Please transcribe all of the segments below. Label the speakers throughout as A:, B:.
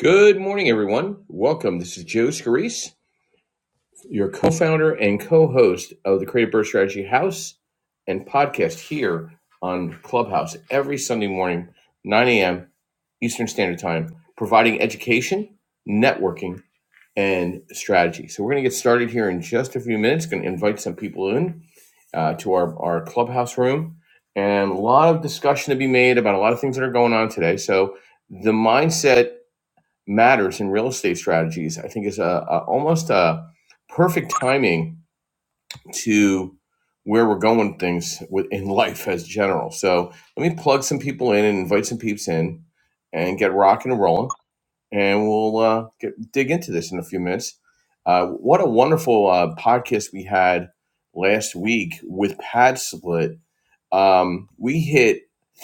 A: Good morning, everyone. Welcome. This is Joe Scarice, your co founder and co host of the Creative Birth Strategy House and podcast here on Clubhouse every Sunday morning, 9 a.m. Eastern Standard Time, providing education, networking, and strategy. So, we're going to get started here in just a few minutes. Going to invite some people in uh, to our, our Clubhouse room and a lot of discussion to be made about a lot of things that are going on today. So, the mindset matters in real estate strategies, I think is a, a almost a perfect timing to where we're going things with, in life as general. So let me plug some people in and invite some peeps in and get rocking and rolling. And we'll uh, get, dig into this in a few minutes. Uh, what a wonderful uh, podcast we had last week with Pad Split um, we hit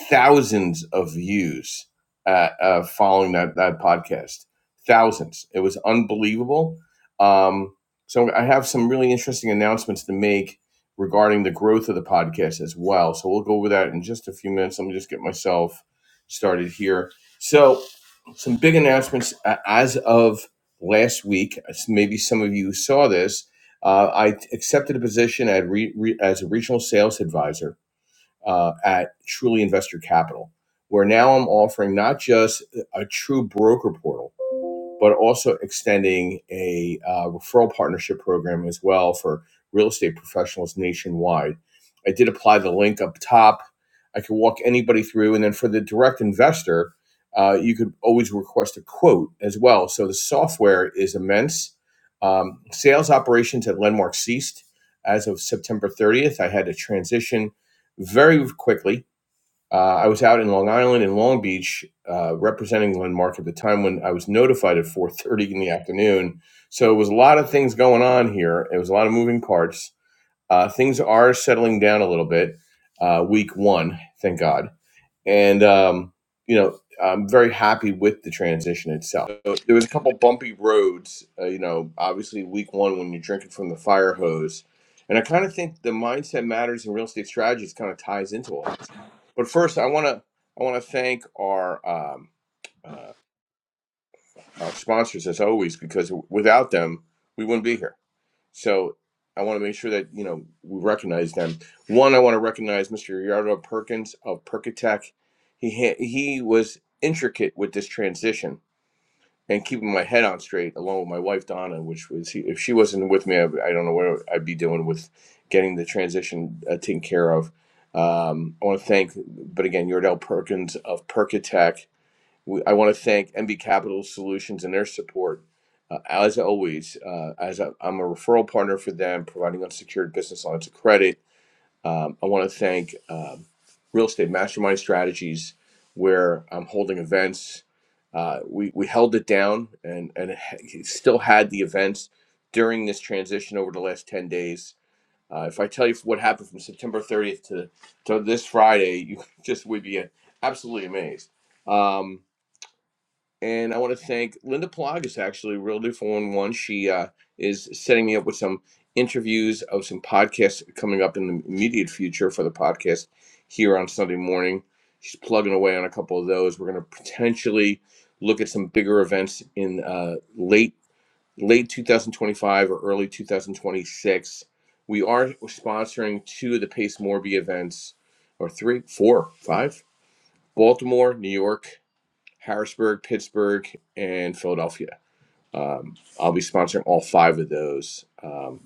A: thousands of views uh, uh, following that, that podcast. Thousands. It was unbelievable. Um, so I have some really interesting announcements to make regarding the growth of the podcast as well. So we'll go over that in just a few minutes. Let me just get myself started here. So some big announcements uh, as of last week. Maybe some of you saw this. Uh, I accepted a position at re, re, as a regional sales advisor uh, at Truly Investor Capital, where now I'm offering not just a true broker portal but also extending a uh, referral partnership program as well for real estate professionals nationwide. I did apply the link up top. I could walk anybody through, and then for the direct investor, uh, you could always request a quote as well. So the software is immense. Um, sales operations at Landmark ceased as of September 30th. I had to transition very quickly uh, I was out in Long Island and Long Beach uh, representing Landmark at the time when I was notified at 4:30 in the afternoon. So it was a lot of things going on here. It was a lot of moving parts. Uh, things are settling down a little bit. Uh, week one, thank God and um, you know I'm very happy with the transition itself. So there was a couple bumpy roads, uh, you know, obviously week one when you're drinking from the fire hose, and I kind of think the mindset matters in real estate strategies kind of ties into all this. But first, I want to I want to thank our um, uh, our sponsors as always because without them we wouldn't be here. So I want to make sure that you know we recognize them. One, I want to recognize Mr. Yardo Perkins of Percatech. He ha- he was intricate with this transition and keeping my head on straight, along with my wife Donna, which was he, if she wasn't with me, I, I don't know what I'd be doing with getting the transition uh, taken care of. Um, I want to thank, but again, Yardell Perkins of Percatech we, I want to thank MB Capital Solutions and their support. Uh, as always, uh, as I, I'm a referral partner for them, providing unsecured business lines of credit. Um, I want to thank um, Real Estate Mastermind Strategies, where I'm holding events. Uh, we we held it down and and h- still had the events during this transition over the last ten days. Uh, if I tell you what happened from September 30th to to this Friday, you just would be absolutely amazed. Um, and I want to thank Linda Pelagas, actually, real Realtor 411. She uh, is setting me up with some interviews of some podcasts coming up in the immediate future for the podcast here on Sunday morning. She's plugging away on a couple of those. We're going to potentially look at some bigger events in uh, late late 2025 or early 2026. We are sponsoring two of the Pace Morby events, or three, four, five, Baltimore, New York, Harrisburg, Pittsburgh, and Philadelphia. Um, I'll be sponsoring all five of those um,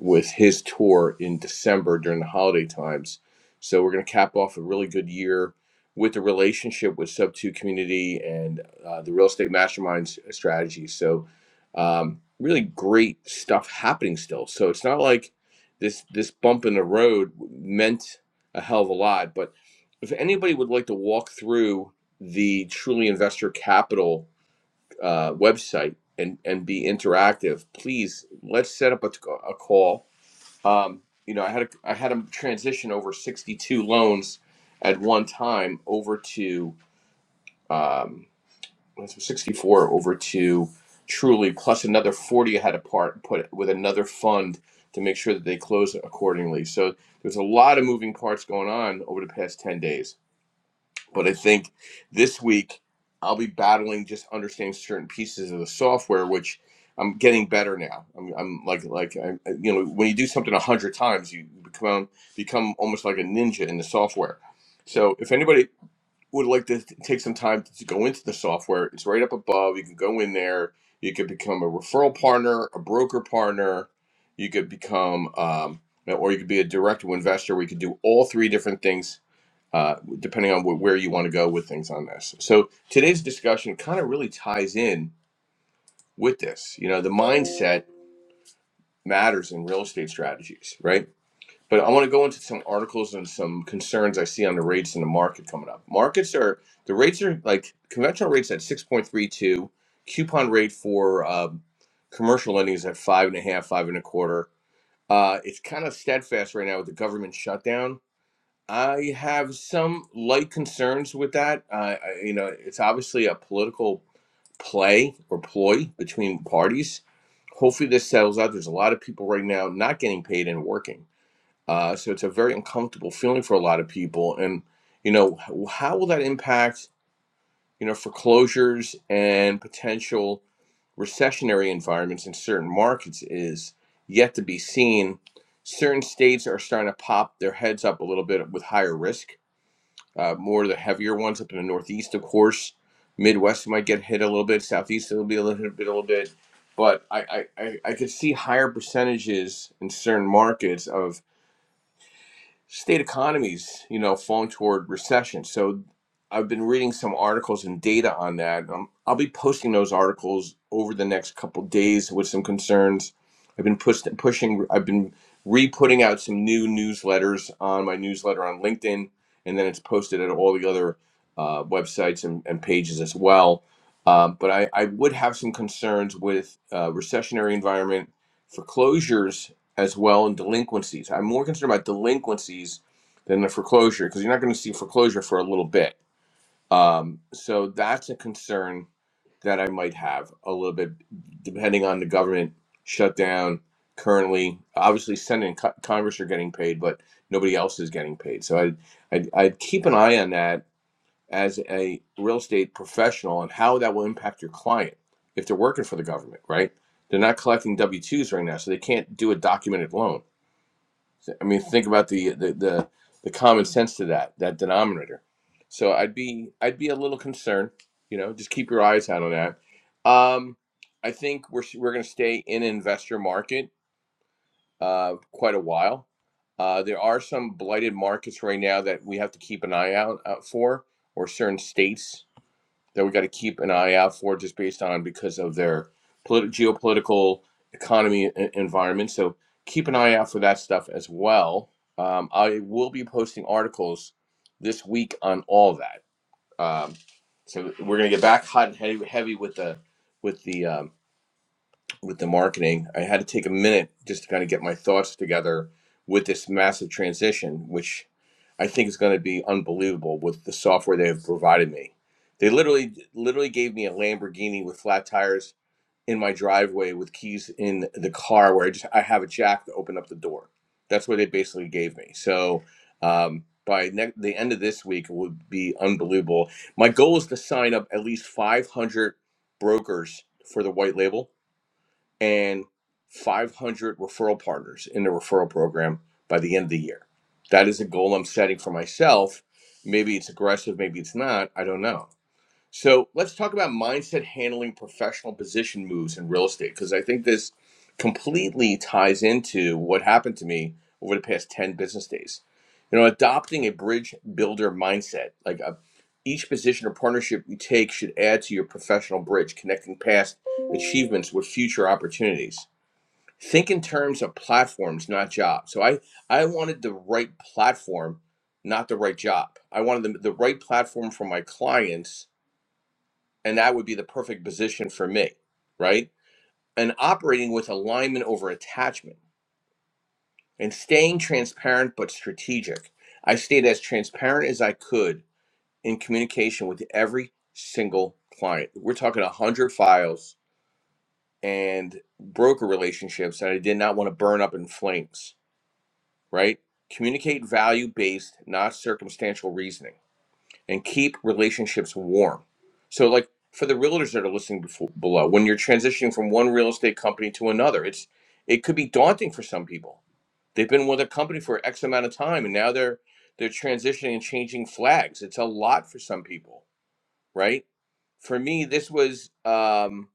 A: with his tour in December during the holiday times. So we're going to cap off a really good year with the relationship with Sub Two Community and uh, the Real Estate Mastermind s- strategy. So um, really great stuff happening still. So it's not like this this bump in the road meant a hell of a lot. But if anybody would like to walk through the Truly Investor Capital uh, website and and be interactive, please let's set up a a call. Um, you know, I had a, I had them transition over 62 loans at one time over to um, 64 over to Truly, plus another 40 I had to part put with another fund to make sure that they close accordingly. So there's a lot of moving parts going on over the past 10 days but I think this week I'll be battling just understanding certain pieces of the software, which I'm getting better now. I'm, I'm like like I, you know when you do something a hundred times, you become become almost like a ninja in the software. So if anybody would like to t- take some time to go into the software, it's right up above. You can go in there. You could become a referral partner, a broker partner. You could become, um, or you could be a direct investor. We could do all three different things uh, depending on wh- where you want to go with things on this. So today's discussion kind of really ties in with this. You know, the mindset matters in real estate strategies, right? But I want to go into some articles and some concerns I see on the rates in the market coming up. Markets are the rates are like conventional rates at six point three two, coupon rate for um, commercial lending is at five and a half, five and a quarter. Uh, it's kind of steadfast right now with the government shutdown I have some light concerns with that. Uh, I, you know, it's obviously a political play or ploy between parties. Hopefully, this settles out. There's a lot of people right now not getting paid and working, uh, so it's a very uncomfortable feeling for a lot of people. And you know, h- how will that impact you know foreclosures and potential recessionary environments in certain markets is yet to be seen. Certain states are starting to pop their heads up a little bit with higher risk uh, more of the heavier ones up in the Northeast, of course. Midwest might get hit a little bit. Southeast it'll be a little bit, a little bit. But I, I, I I could see higher percentages in certain markets of state economies, you know, falling toward recession. So I've been reading some articles and data on that. Um, I'll be posting those articles over the next couple days with some concerns. I've been push- pushing, I've been re putting out some new newsletters on my newsletter on LinkedIn, and then it's posted at all the other uh, websites and, and pages as well. Um, but I, I would have some concerns with uh, recessionary environment, foreclosures as well in delinquencies. I'm more concerned about delinquencies than the foreclosure because you're not going to see foreclosure for a little bit. Um, so that's a concern that I might have a little bit, depending on the government shutdown currently. Obviously, Senate and Co- Congress are getting paid, but nobody else is getting paid. So I'd, I'd, I'd keep an eye on that as a real estate professional and how that will impact your client if they're working for the government, right? They're not collecting W 2s right now, so they can't do a documented loan so, I mean, think about the the the, the common sense to that that denominator. So I'd be I'd be a little concerned. You know, just keep your eyes out on that. Um, I think we're we're going to stay in investor market uh, quite a while. Uh, there are some blighted markets right now that we have to keep an eye out, out for, or certain states that we got to keep an eye out for just based on because of their politi- geopolitical economy e- environment. So keep an eye out for that stuff as well. Um, I will be posting articles this week on all that. Um, so we're gonna get back hot and heavy, heavy with the with the um, with the marketing. I had to take a minute just to kind of get my thoughts together with this massive transition, which I think is going to be unbelievable with the software they have provided me. They literally literally gave me a Lamborghini with flat tires in my driveway with keys in the car where I just I have a jack to open up the door. That's what they basically gave me. So um, by ne- the end of this week it would be unbelievable. My goal is to sign up at least 500 brokers for the white label and 500 referral partners in the referral program by the end of the year. That is a goal I'm setting for myself. Maybe it's aggressive, maybe it's not. I don't know. So let's talk about mindset handling professional position moves in real estate because I think this completely ties into what happened to me over the past 10 business days. You know, adopting a bridge builder mindset, like a, each position or partnership you take should add to your professional bridge, connecting past achievements with future opportunities. Think in terms of platforms, not jobs. So I, I wanted the right platform, not the right job. I wanted the, the right platform for my clients and that would be the perfect position for me, right? And operating with alignment over attachment and staying transparent but strategic. I stayed as transparent as I could in communication with every single client. We're talking 100 files and broker relationships that I did not want to burn up in flames, right? Communicate value based, not circumstantial reasoning and keep relationships warm. So, like for the realtors that are listening before, below, when you're transitioning from one real estate company to another, it's it could be daunting for some people. They've been with a company for X amount of time, and now they're they're transitioning and changing flags. It's a lot for some people, right? For me, this was um,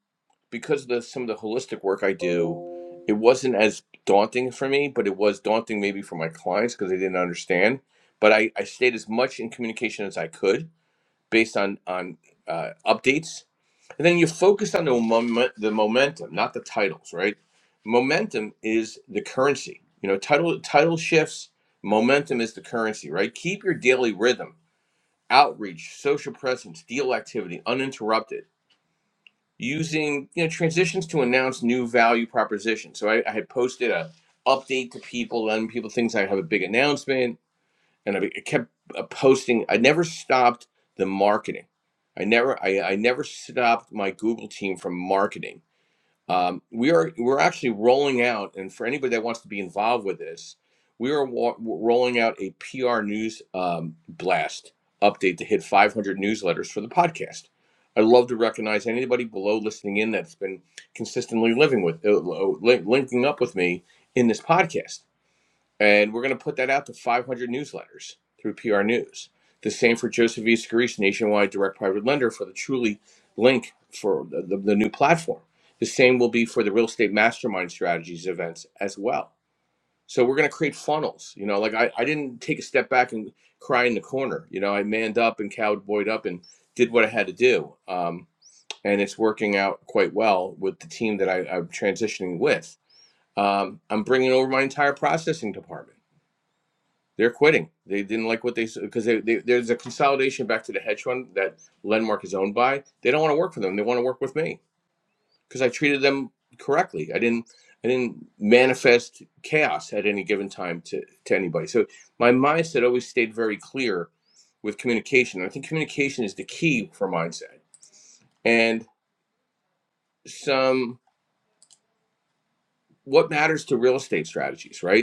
A: because of the, some of the holistic work I do. It wasn't as daunting for me, but it was daunting maybe for my clients because they didn't understand. But I, I stayed as much in communication as I could based on on uh, updates, and then you focus on the moment, the momentum, not the titles, right? Momentum is the currency. You know, title title shifts. Momentum is the currency, right? Keep your daily rhythm, outreach, social presence, deal activity uninterrupted. Using you know transitions to announce new value propositions. So I, I had posted a update to people, letting people things I have a big announcement and I kept uh, posting. I never stopped the marketing. I never, I, I never stopped my Google team from marketing. Um, we are, we're actually rolling out, and for anybody that wants to be involved with this, we are wa- rolling out a PR news um, blast update to hit 500 newsletters for the podcast. I love to recognize anybody below listening in that's been consistently living with, uh, uh, li- linking up with me in this podcast and we're going to put that out to 500 newsletters through PR News. The same for Joseph E. Scarice, nationwide direct private lender for the Truly link for the, the, the new platform. The same will be for the real estate mastermind strategies events as well. So we're going to create funnels. You know, like I, I didn't take a step back and cry in the corner. You know, I manned up and cowboyed up and did what I had to do. Um, and it's working out quite well with the team that I, I'm transitioning with. Um, I'm bringing over my entire processing department. They're quitting. They didn't like what they said because they, they, there's a consolidation back to the hedge fund that Lenmark is owned by. They don't want to work for them. They want to work with me because I treated them correctly. I didn't I didn't manifest chaos at any given time to to anybody. So my mindset always stayed very clear with communication. And I think communication is the key for mindset and some what matters to real estate strategies, right?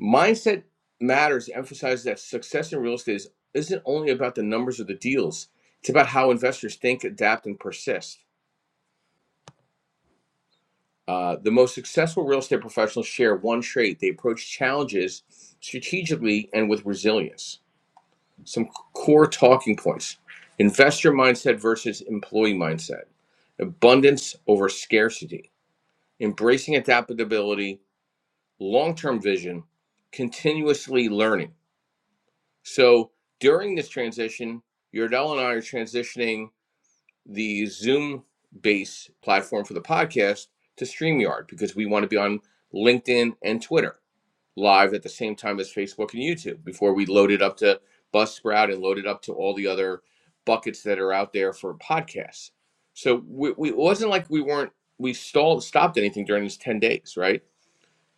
A: Mindset Matters emphasizes that success in real estate is, isn't only about the numbers of the deals, it's about how investors think, adapt, and persist. Uh, the most successful real estate professionals share one trait they approach challenges strategically and with resilience. Some core talking points investor mindset versus employee mindset, abundance over scarcity, embracing adaptability, long term vision, continuously learning. So during this transition, Yordell and I are transitioning the Zoom based platform for the podcast to StreamYard because we want to be on LinkedIn and Twitter live at the same time as Facebook and YouTube before we load it up to Buzzsprout and load it up to all the other buckets that are out there for podcasts. So we, we, it wasn't like we weren't, we stalled, stopped anything during these 10 days, right?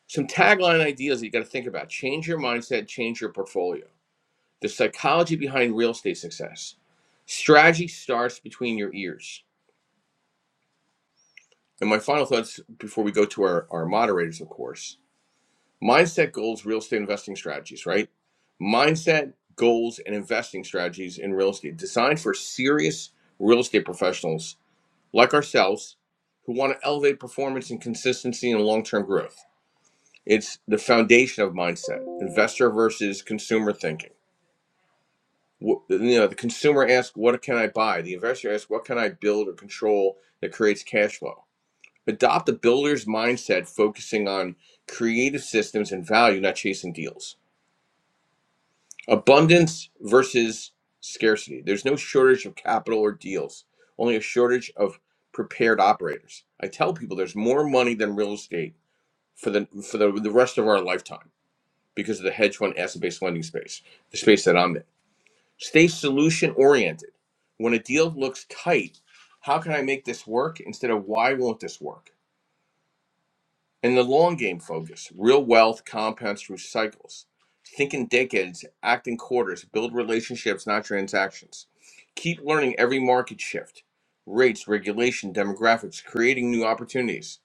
A: Some tagline ideas that you got to think about change your mindset, change your portfolio the psychology behind real estate success. Strategy starts between your ears. And my final thoughts before we go to our, our moderators, of course mindset, goals, real estate investing strategies, right? Mindset, goals, and investing strategies in real estate designed for serious real estate professionals like ourselves who want to elevate performance and consistency and long term growth. It's the foundation of mindset, investor versus consumer thinking you know the consumer asks what can i buy the investor asks what can i build or control that creates cash flow adopt a builder's mindset focusing on creative systems and value not chasing deals abundance versus scarcity there's no shortage of capital or deals only a shortage of prepared operators i tell people there's more money than real estate for the for the, the rest of our lifetime because of the hedge fund asset based lending space the space that i'm in Stay solution oriented. When a deal looks tight, how can I make this work instead of why won't this work? And the long game focus, real wealth compounds through cycles. Think in decades, act in quarters, build relationships, not transactions. Keep learning every market shift, rates, regulation, demographics, creating new opportunities.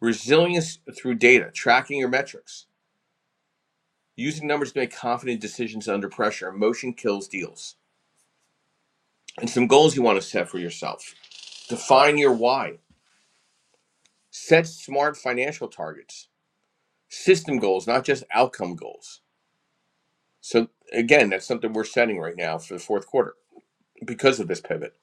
A: Resilience through data, tracking your metrics, using numbers to make confident decisions under pressure. Emotion kills deals. And some goals you want to set for yourself Define your why. Set smart financial targets, system goals, not just outcome goals. So, again, that's something we're setting right now for the fourth quarter because of this pivot.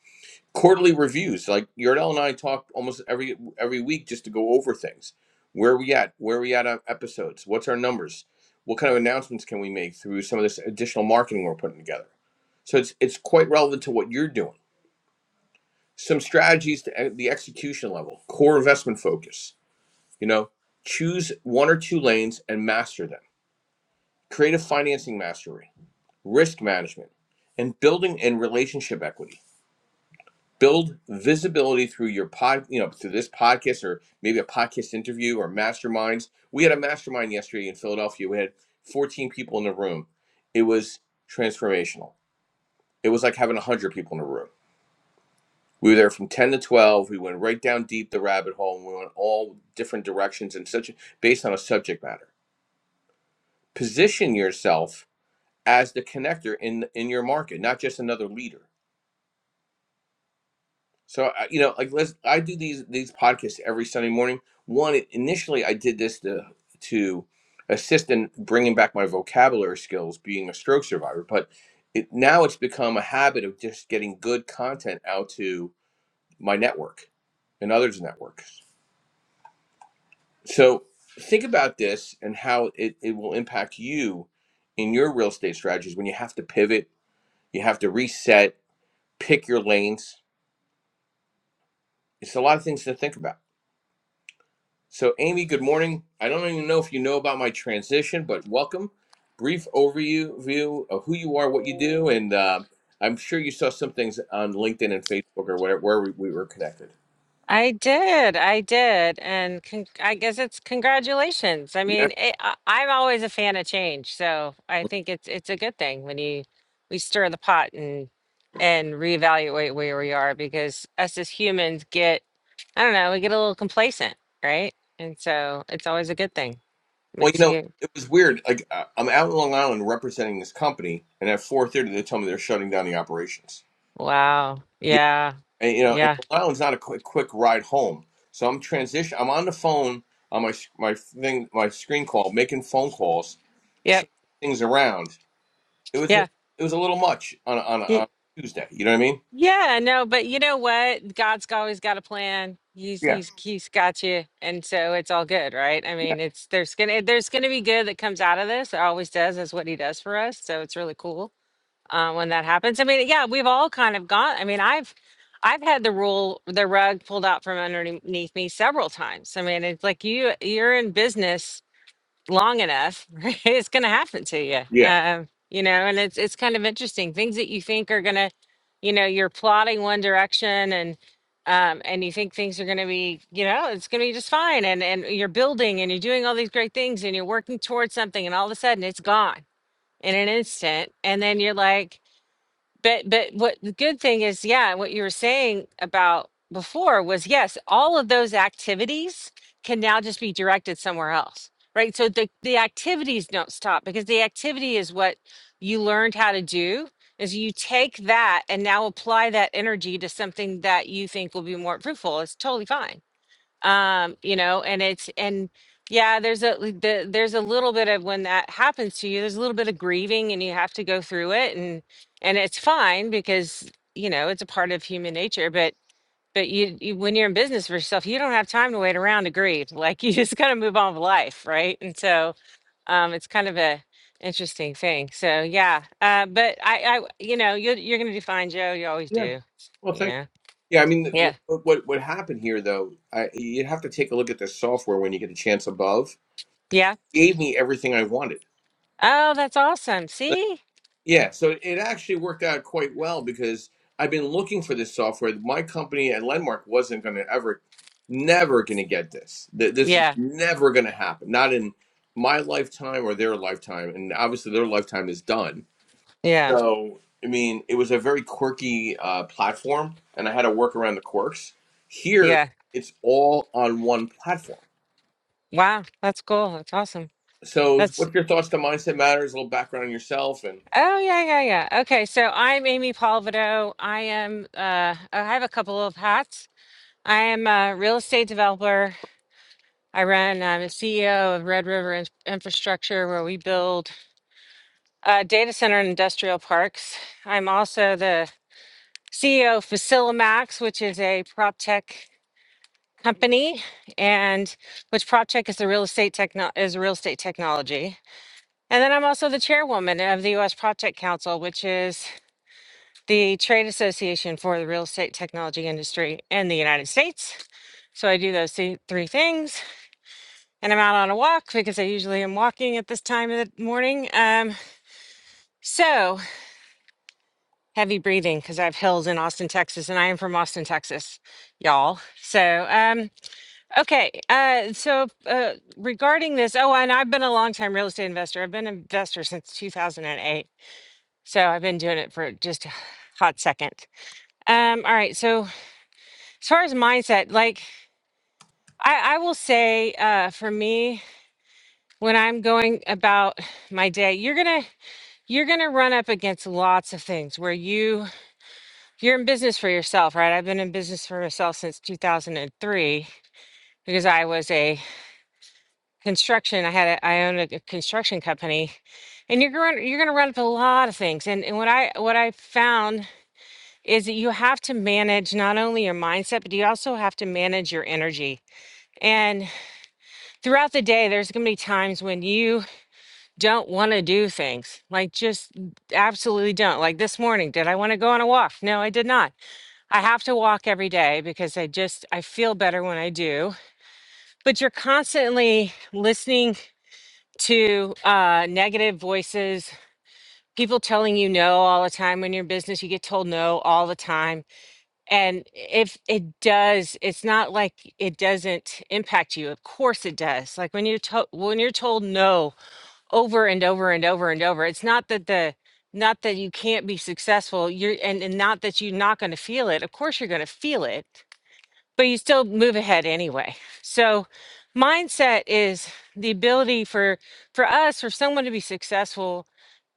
A: Quarterly reviews, like Yardell and I talk almost every every week just to go over things. Where are we at? Where are we at on episodes? What's our numbers? What kind of announcements can we make through some of this additional marketing we're putting together? So it's it's quite relevant to what you're doing. Some strategies to e- the execution level, core investment focus, You know, choose one or two lanes and master them. Creative financing mastery, risk management, and building and relationship equity. Build visibility through your pod, you know, through this podcast or maybe a podcast interview or masterminds. We had a mastermind yesterday in Philadelphia. We had 14 people in the room. It was transformational. It was like having 100 people in a room. We were there from 10 to 12. We went right down deep the rabbit hole and we went all different directions and such based on a subject matter position yourself as the connector in in your market, not just another leader. So I- you know, like let's I do these these podcasts every Sunday morning. One initially I did this to to assist in bringing back my vocabulary skills, being a stroke survivor, but it, now it's become a habit of just getting good content out to my network and others' networks. So think about this and how it, it will impact you in your real estate strategies when you have to pivot You have to reset, pick your lanes. It's a lot of things to think about. So, Amy, good morning. I don't even know if you know about my transition, but welcome. Brief overview view of who you are, what you do, and uh, I'm sure you saw some things on LinkedIn and Facebook or whatever where we, we were connected.
B: I did. I did. And con- I guess it's congratulations. I
A: Yeah.
B: mean, it, I, I'm always a fan of change, so I think it's it's a good thing when you we stir the pot and and reevaluate where we are because us as humans get I don't know, we get a little complacent, right? And so it's always a good thing.
A: Well, you
B: Makes
A: know,
B: you
A: it was weird. Like uh, I'm out in Long Island representing this company, and at 4:30 they tell me they're shutting down the operations.
B: wow. Yeah.
A: and you know, and
B: Yeah.
A: Long Island's not a quick quick ride home. So I'm transition. I'm on the phone on my s- my thing, my screen call, making phone calls,
B: Yep.
A: changing things around. It was a, it was a little much on a, on a,
B: Yeah.
A: on a Tuesday. You know what I mean?
B: Yeah, no, but you know what? God's g- always got a plan. He's
A: Yeah,
B: he's he's got you, and so it's all good, right? I
A: yeah,
B: mean, it's there's gonna there's gonna be good that comes out of this. It always does. That's what he does for us. So it's really cool uh, when that happens. I mean, yeah, we've all kind of gone. I mean, I've I've had the rule the rug pulled out from underneath me several times. I mean, it's like you you're in business long enough, right, it's going to happen to you.
A: yeah,
B: Um, you know, and it's it's kind of interesting. Things that you think are going to, you know, you're plotting one direction and um, and you think things are going to be, you know, it's going to be just fine. And and you're building and you're doing all these great things and you're working towards something, and all of a sudden it's gone in an instant. And then you're like, but but what the good thing is, yeah, what you were saying about before was yes, all of those activities can now just be directed somewhere else. Right? So the the activities don't stop because the activity is what you learned how to do is you take that and now apply that energy to something that you think will be more fruitful. It's totally fine um you know and it's and yeah there's a like, the, there's a little bit of when that happens to you there's a little bit of grieving and you have to go through it and and it's fine because you know it's a part of human nature but but you, you when you're in business for yourself you don't have time to wait around to grieve like you just gotta move on with life right and so um it's kind of a interesting thing so yeah uh but i i you know you you're gonna do fine joe you always
A: yeah.
B: do
A: Well,
B: you
A: thank.
B: know
A: You. Yeah, I mean,
B: yeah
A: what what what happened here though? I you have to take a look at the software when you get a chance above.
B: yeah
A: gave me everything I wanted.
B: oh that's awesome see
A: Yeah, so it actually worked out quite well because I've been looking for this software. My company at Landmark wasn't going to ever, never going to get this. Th- This is
B: yeah
A: never going to happen. Not in my lifetime or their lifetime. And obviously, their lifetime is done.
B: Yeah,
A: So, I mean, it was a very quirky uh, platform, and I had to work around the quirks. Here,
B: yeah.
A: it's all on one platform.
B: Wow, that's cool. That's awesome.
A: So,
B: That's
A: what's your thoughts to Mindset Matters? A little background on yourself and.
B: oh yeah, yeah, yeah. Okay, so I'm Amy Palvido. I am uh I have a couple of hats. I am a real estate developer. I run I'm a CEO of Red River Ins- Infrastructure where we build uh data center and industrial parks. I'm also the CEO of Facilimax, which is a prop tech company and which prop tech is a real estate techno is a real estate technology And then I'm also the chairwoman of the U.S. Project Council, which is the trade association for the real estate technology industry in the United States. So I do those thi- three things. And I'm out on a walk because I usually am walking at this time of the morning. Um, so heavy breathing because I have hills in Austin, Texas, and I am from Austin, Texas, y'all. So, um, okay. Uh, so uh, regarding this, oh, and I've been a longtime real estate investor, I've been an investor since 2008. So I've been doing it for just a hot second. Um, all right. So as far as mindset, like I, I will say, uh, for me, when I'm going about my day, you're gonna you're gonna run up against lots of things where you you're in business for yourself, right? I've been in business for myself since 2003 because I was a construction. I had a, I owned a, a construction company, and you're going you're gonna run up a lot of things. And and what I what I found is that you have to manage not only your mindset, but you also have to manage your energy. And throughout the day, there's going to be times when you don't want to do things, like just absolutely don't. Like this morning, did I want to go on a walk? No, I did not. I have to walk every day because I just, I feel better when I do. But you're constantly listening to uh, negative voices, people telling you no all the time when you're in business, you get told no all the time And if it does, it's not like it doesn't impact you. Of course it does. Like when you're told when you're told no over and over and over and over, it's not that the not that you can't be successful. You're and, and not that you're not going to feel it. Of course you're going to feel it, but you still move ahead anyway. So mindset is the ability for for us for someone to be successful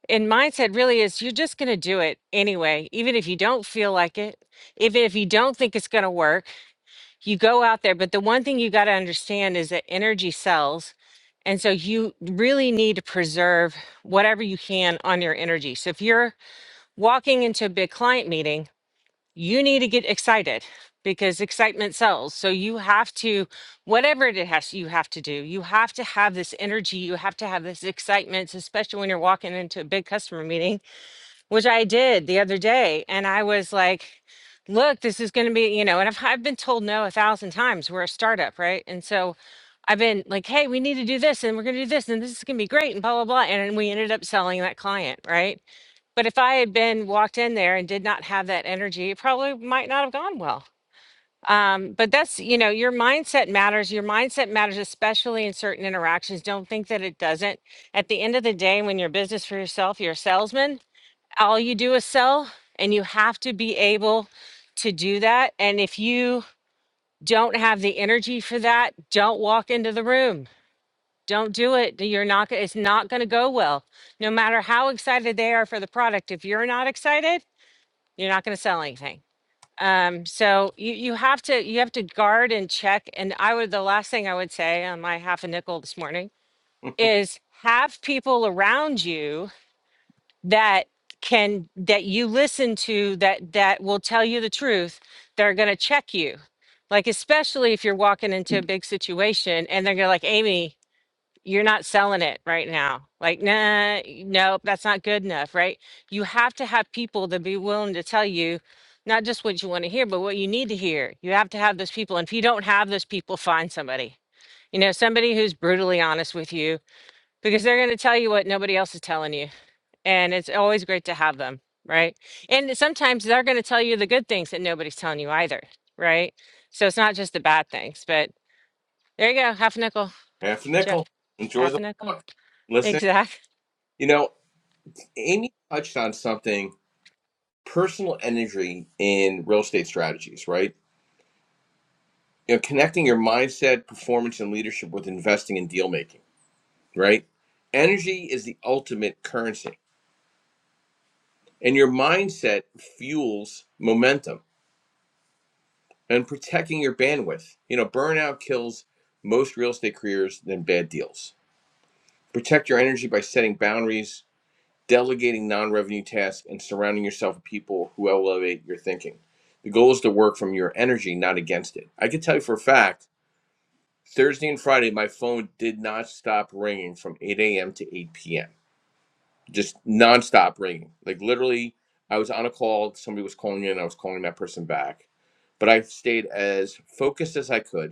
B: and mindset really is you're just going to do it anyway, even if you don't feel like it, even if you don't think it's going to work, you go out there. But the one thing you got to understand is that energy sells. And so you really need to preserve whatever you can on your energy. So if you're walking into a big client meeting, you need to get excited because excitement sells. So you have to, whatever it has you have to do, you have to have this energy, you have to have this excitement, especially when you're walking into a big customer meeting which I did the other day. And I was like, look, this is going to be, you know, and I've, I've been told no a thousand times. We're a startup, right? And so I've been like, hey, we need to do this and we're going to do this and this is going to be great and blah, blah, blah. And we ended up selling that client, right? But if I had been walked in there and did not have that energy, it probably might not have gone well. Um, but that's, you know, your mindset matters. Your mindset matters, especially in certain interactions. Don't think that it doesn't. At the end of the day, when you're business for yourself, you're a salesman all you do is sell and you have to be able to do that and if you don't have the energy for that don't walk into the room don't do it you're not go- it's not going to go well no matter how excited they are for the product if you're not excited you're not going to sell anything um, so you, you have to you have to guard and check and i would the last thing i would say on my half a nickel this morning is have people around you that can that you listen to that that will tell you the truth they are going to check you like especially if you're walking into a big situation and they're gonna like amy you're not selling it right now like nah nope that's not good enough right you have to have people that be willing to tell you not just what you want to hear but what you need to hear you have to have those people and if you don't have those people find somebody you know somebody who's brutally honest with you because they're going to tell you what nobody else is telling you and it's always great to have them, right? And sometimes they're going to tell you the good things that nobody's telling you either, right? So it's not just the bad things, but there you go. Half a nickel,
A: Half a
B: Jeff.
A: nickel. Enjoy
B: Half
A: the
B: a nickel.
A: walk. Listen,
B: Exact.
A: you know, Amy touched on something personal energy in real estate strategies, right? You know, connecting your mindset, performance, and leadership with investing and deal making, right? Energy is the ultimate currency, and your mindset fuels momentum and protecting your bandwidth. You know, burnout kills most real estate careers than bad deals. Protect your energy by setting boundaries, delegating non revenue tasks, and surrounding yourself with people who elevate your thinking. The goal is to work from your energy, not against it. I can tell you for a fact Thursday and Friday, my phone did not stop ringing from 8 a.m. to 8 p.m., just nonstop ringing. Like literally, I was on a call, somebody was calling in, I was calling that person back. But I stayed as focused as I could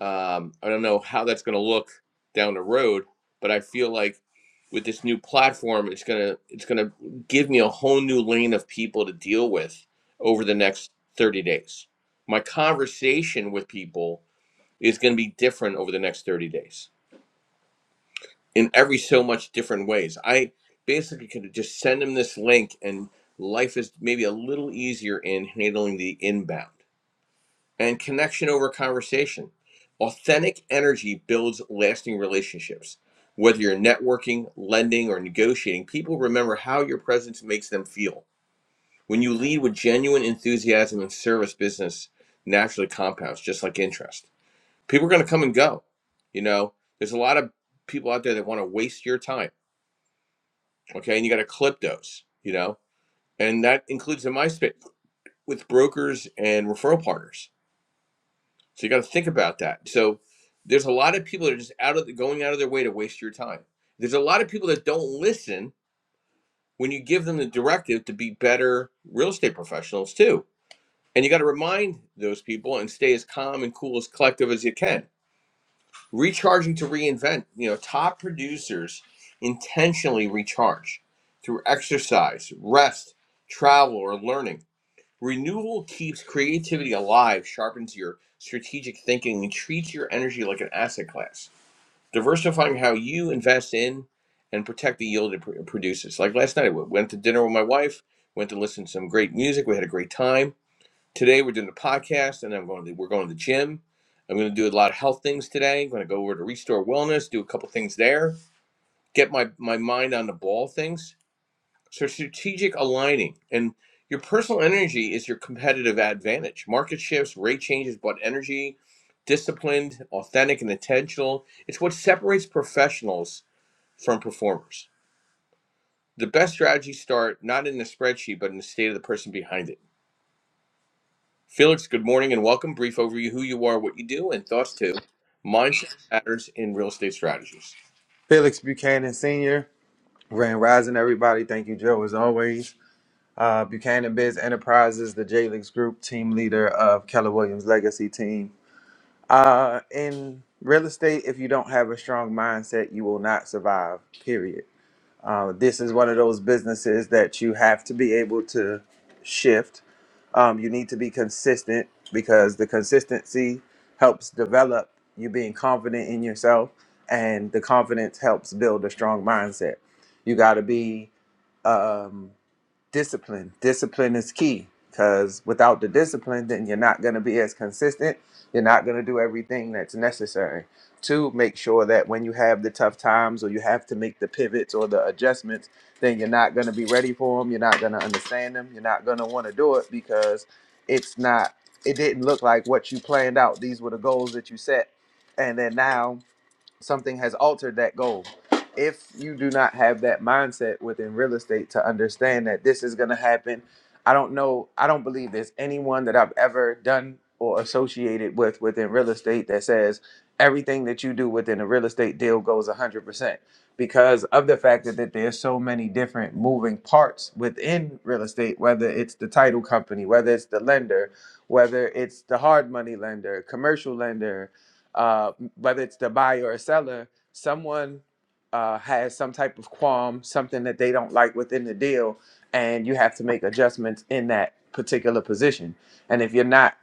A: um, I don't know how that's going to look down the road, but I feel like with this new platform, it's gonna it's gonna give me a whole new lane of people to deal with over the next 30 days. My conversation with people is gonna be different over the next 30 days in every so much different ways. I basically could just send them this link and life is maybe a little easier in handling the inbound and connection over conversation. Authentic energy builds lasting relationships. Whether you're networking, lending, or negotiating, people remember how your presence makes them feel. When you lead with genuine enthusiasm and service, business naturally compounds, just like interest. People are going to come and go. You know, there's a lot of people out there that want to waste your time. Okay. And you got to clip those, you know, and that includes in my space with brokers and referral partners So you got to think about that. So there's a lot of people that are just out of the, going out of their way to waste your time. There's a lot of people that don't listen when you give them the directive to be better real estate professionals too. And you got to remind those people and stay as calm and cool as collective as you can. Recharging to reinvent. You know, top producers intentionally recharge through exercise, rest, travel, or learning. Renewal keeps creativity alive, sharpens your strategic thinking, and treats your energy like an asset class. Diversifying how you invest in and protect the yield it produces. Like last night, I went to dinner with my wife, went to listen to some great music. We had a great time. Today, we're doing the podcast, and I'm going to, we're going to the gym. I'm going to do a lot of health things today. I'm going to go over to Restore Wellness, do a couple things there, get my, my mind on the ball things so strategic aligning and your personal energy is your competitive advantage. Market shifts, rate changes, but energy, disciplined, authentic, and intentional. It's what separates professionals from performers. The best strategies start not in the spreadsheet, but in the state of the person behind it. Felix, good morning and welcome. Brief overview who you are, what you do, and thoughts to mindset matters in real estate strategies.
C: Felix Buchanan Sr., Grand Rising, everybody. Thank you, Joe, as always. Uh, Buchanan Biz Enterprises, the J-Lix Group, team leader of Keller Williams Legacy Team. Uh, in real estate, if you don't have a strong mindset, you will not survive, period. Uh, this is one of those businesses that you have to be able to shift. Um, you need to be consistent because the consistency helps develop you being confident in yourself, and the confidence helps build a strong mindset. You got to be. Um, discipline. Discipline is key because without the discipline, then you're not going to be as consistent. You're not going to do everything that's necessary to make sure that when you have the tough times or you have to make the pivots or the adjustments, then you're not going to be ready for them. You're not going to understand them. You're not going to want to do it because it's not, it didn't look like what you planned out. These were the goals that you set. And then now something has altered that goal. If you do not have that mindset within real estate to understand that this is going to happen, I don't know. I don't believe there's anyone that I've ever done or associated with within real estate that says everything that you do within a real estate deal goes 100% because of the fact that, that there's so many different moving parts within real estate whether it's the title company whether it's the lender whether it's the hard money lender commercial lender uh, whether it's the buyer or seller, someone uh, has some type of qualm, something that they don't like within the deal, and you have to make adjustments in that particular position. And if you're not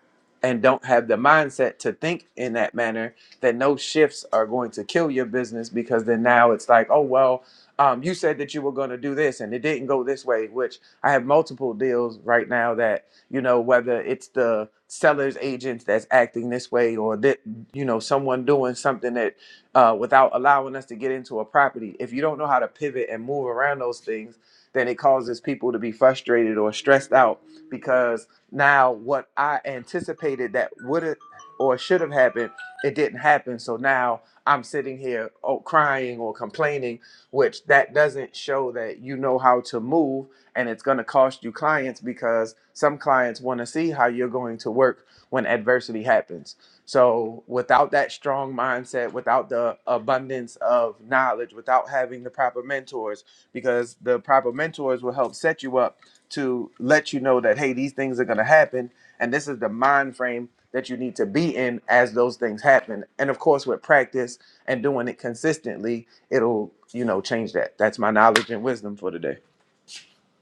C: and don't have the mindset to think in that manner, then no shifts are going to kill your business because then now it's like, oh, well, um, you said that you were going to do this and it didn't go this way, which I have multiple deals right now that you know whether it's the seller's agent that's acting this way or that you know someone doing something that uh, without allowing us to get into a property if you don't know how to pivot and move around those things then it causes people to be frustrated or stressed out because now what i anticipated that would have or should have happened it didn't happen so now i'm sitting here oh, crying or complaining which that doesn't show that you know how to move and it's going to cost you clients because some clients want to see how you're going to work when adversity happens. So, without that strong mindset, without the abundance of knowledge, without having the proper mentors, because the proper mentors will help set you up to let you know that, hey, these things are going to happen. And this is the mind frame that you need to be in as those things happen. And of course, with practice and doing it consistently, it'll, you know, change that. That's my knowledge and wisdom for today.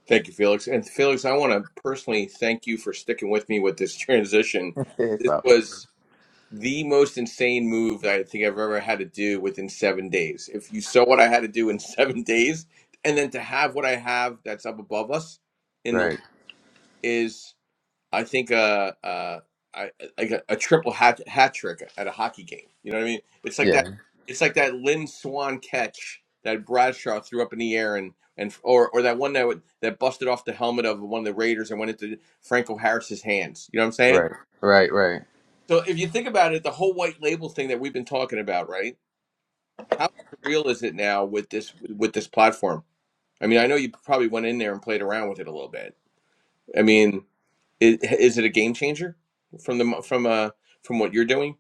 A: Thank you, Felix. And Felix, I want to personally thank you for sticking with me with this transition. This
C: So.
A: was the most insane move that I think I've ever had to do within seven days. If you saw what I had to do in seven days, and then to have what I have that's up above us in the
C: Right.
A: is, I think, uh, uh, I, like a, a triple hat hat trick at a hockey game. You know what I mean? It's like that.
C: Yeah.
A: It's like that Lynn Swan catch that Bradshaw threw up in the air and and or or that one that would, that busted off the helmet of one of the Raiders and went into Franco Harris's hands. You know what I'm saying?
C: Right. Right. Right.
A: So if you think about it, the whole white label thing that we've been talking about, right? How surreal is it now with this with this platform? I mean, I know you probably went in there and played around with it a little bit. I mean, is, is it a game changer from the from uh from what you're doing?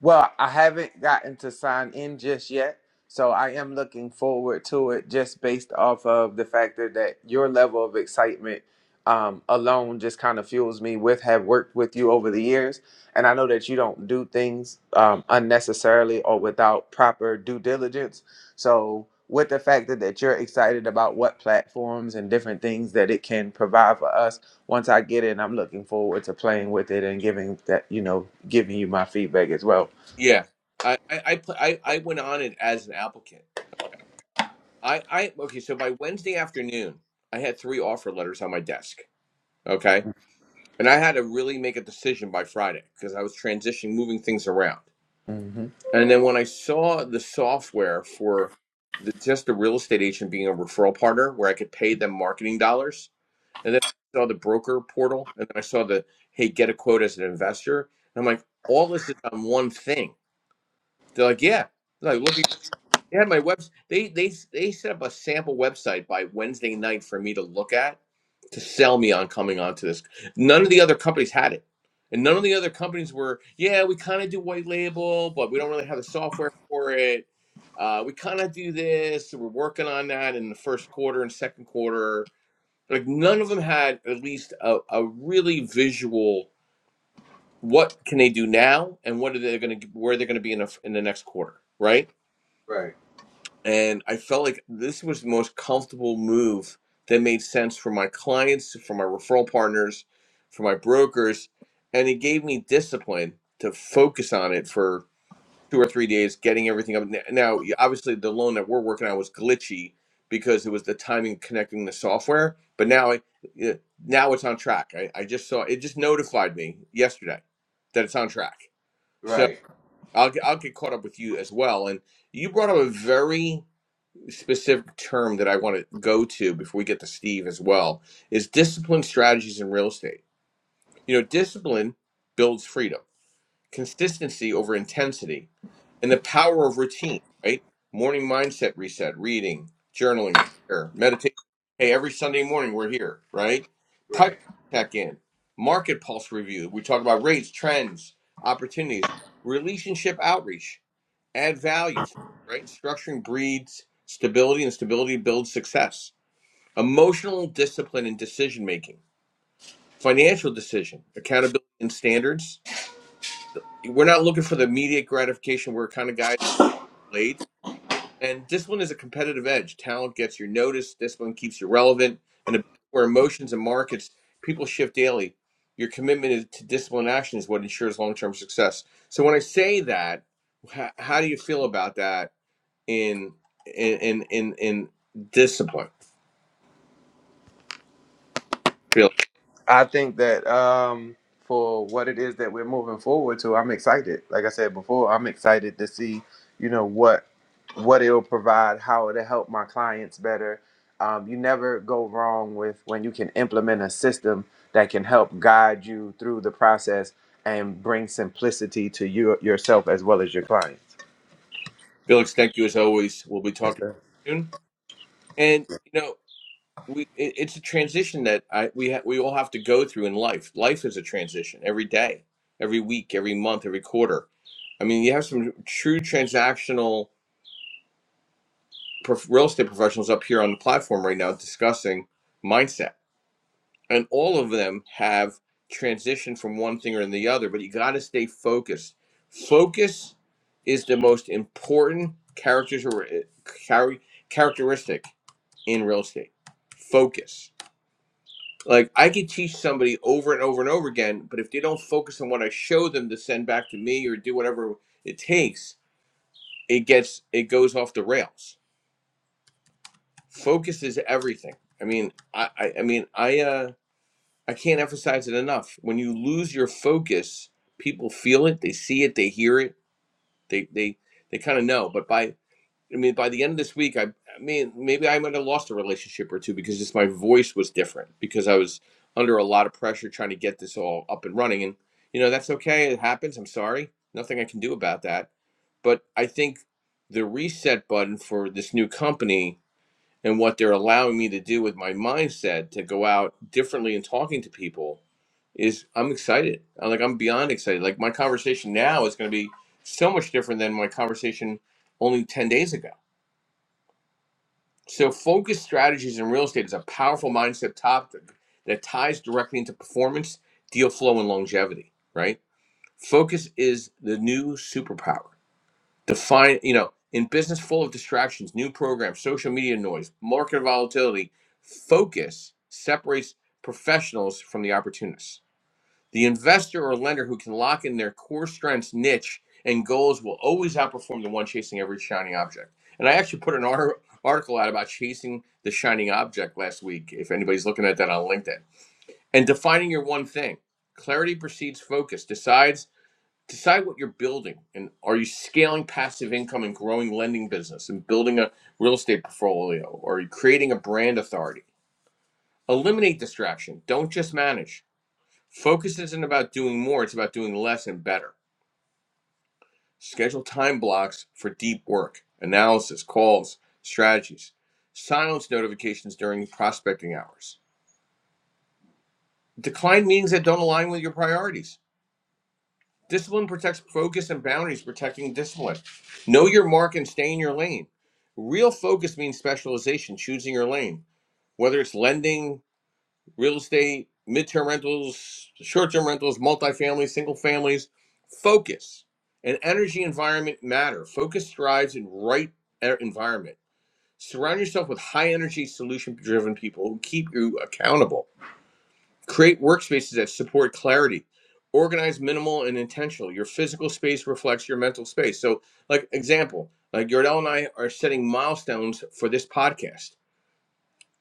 C: Well, I haven't gotten to sign in just yet, so I am looking forward to it just based off of the factor that your level of excitement um, alone just kind of fuels me with have worked with you over the years. And I know that you don't do things um, unnecessarily or without proper due diligence. So, with the factor that you're excited about what platforms and different things that it can provide for us, once I get in, I'm looking forward to playing with it and giving that, you know, giving you my feedback as well.
A: Yeah, I I I, pl- I I went on it as an applicant. I I okay. So by Wednesday afternoon, I had three offer letters on my desk. Okay, and I had to really make a decision by Friday because I was transitioning, moving things around.
C: hmm
A: And then when I saw the software for the, just the real estate agent being a referral partner where I could pay them marketing dollars, and then I saw the broker portal, and then I saw the, hey, get a quote as an investor. And I'm like, all this is on one thing. They're like, yeah. They're like, look at they had my webs. They they they set up a sample website by Wednesday night for me to look at to sell me on coming onto this. None of the other companies had it, and none of the other companies were. Yeah, we kind of do white label, but we don't really have the software for it. Uh, we kind of do this. so We're working on that in the first quarter and second quarter. Like none of them had at least a, a really visual. What can they do now, and what are they going to where they're going to be in, a, in the next quarter, right?
C: Right,
A: And I felt like this was the most comfortable move that made sense for my clients, for my referral partners, for my brokers. And it gave me discipline to focus on it for two or three days, getting everything up. N- Now, y- obviously, the loan that we're working on was glitchy because it was the timing of connecting the software. But now, I, yeah, now it's on track. I, I just saw it just notified me yesterday that it's on track. So
C: right,
A: I'll, get- I'll get caught up with you as well. And you brought up a very specific term that I want to go to before we get to Steve as well is discipline strategies in real estate. You know, discipline builds freedom, consistency over intensity, and the power of routine, right? Morning mindset reset, reading, journaling, prayer, meditation. Hey, every Sunday morning we're here, right? Pipeline
C: right.
A: check in, market pulse review. We talk about rates, trends, opportunities, relationship outreach add value, right? Structuring breeds stability, and stability builds success. Emotional discipline and decision making, financial decision, accountability and standards. We're not looking for the immediate gratification. We're kind of guys late. And discipline is a competitive edge. Talent gets your notice. Discipline keeps you relevant. And a business where emotions and markets people shift daily, your commitment is- to discipline action is what ensures long term success. So when I say that, h- how do you feel about that? in in in in, in discipline. Felix,
C: I think that um, for what it is that we're moving forward to, I'm excited. Like I said before, I'm excited to see, you know, what what it'll provide, how it'll help my clients better. Um, you never go wrong with when you can implement a system that can help guide you through the process and bring simplicity to you yourself as well as your clients.
A: Felix, thank you as always. We'll be
C: Yes,
A: talking
C: sir.
A: soon. And you know, we it, it's a transition that I we ha- we all have to go through in life. Life is a transition every day, every week, every month, every quarter. I mean, you have some true transactional prof- real estate professionals up here on the platform right now discussing mindset and all of them have transitioned from one thing or the other but you got to stay focused focus is the most important characters or chari- characteristic in real estate focus like i could teach somebody over and over and over again but if they don't focus on what i show them to send back to me or do whatever it takes it gets it goes off the rails focus is everything i mean i i, I mean i uh I can't emphasize it enough. When you lose your focus, people feel it, they see it, they hear it, they they they kind of know. But by I mean by the end of this week, I I mean maybe I might have lost a relationship or two because just my voice was different because I was under a lot of pressure trying to get this all up and running. And you know, that's okay. It happens. I'm sorry. Nothing I can do about that. But I think the reset button for this new company and what they're allowing me to do with my mindset to go out differently and talking to people is I'm excited. I'm Like I'm beyond excited. Like my conversation now is going to be so much different than my conversation only 10 days ago. So focus strategies in real estate is a powerful mindset topic that ties directly into performance, deal flow and longevity, right? Focus is the new superpower. Define, you know, in business full of distractions, new programs, social media noise, market volatility, focus separates professionals from the opportunists The investor or lender who can lock in their core strengths, niche, and goals will always outperform the one chasing every shiny object. And I actually put an ar- article out about chasing the shining object last week, if anybody's looking at that on LinkedIn. And defining your one thing. Clarity precedes focus. Decides decide what you're building and are you scaling passive income and growing lending business and building a real estate portfolio or are you creating a brand authority? Eliminate distraction. Don't just manage Focus isn't about doing more, it's about doing less and better. Schedule time blocks for deep work, analysis, calls, strategies. Silence notifications during prospecting hours. Decline meetings that don't align with your priorities. Discipline protects focus and boundaries, protecting discipline. Know your mark and stay in your lane. Real focus means specialization, choosing your lane, whether it's lending, real estate, midterm rentals, short term rentals, multifamily, single families. Focus and energy environment matter. Focus thrives in right e- environment. Surround yourself with high energy, solution driven people who keep you accountable. Create workspaces that support clarity. Organize minimal and intentional. Your physical space reflects your mental space. So, like example, like Yordell and I are setting milestones for this podcast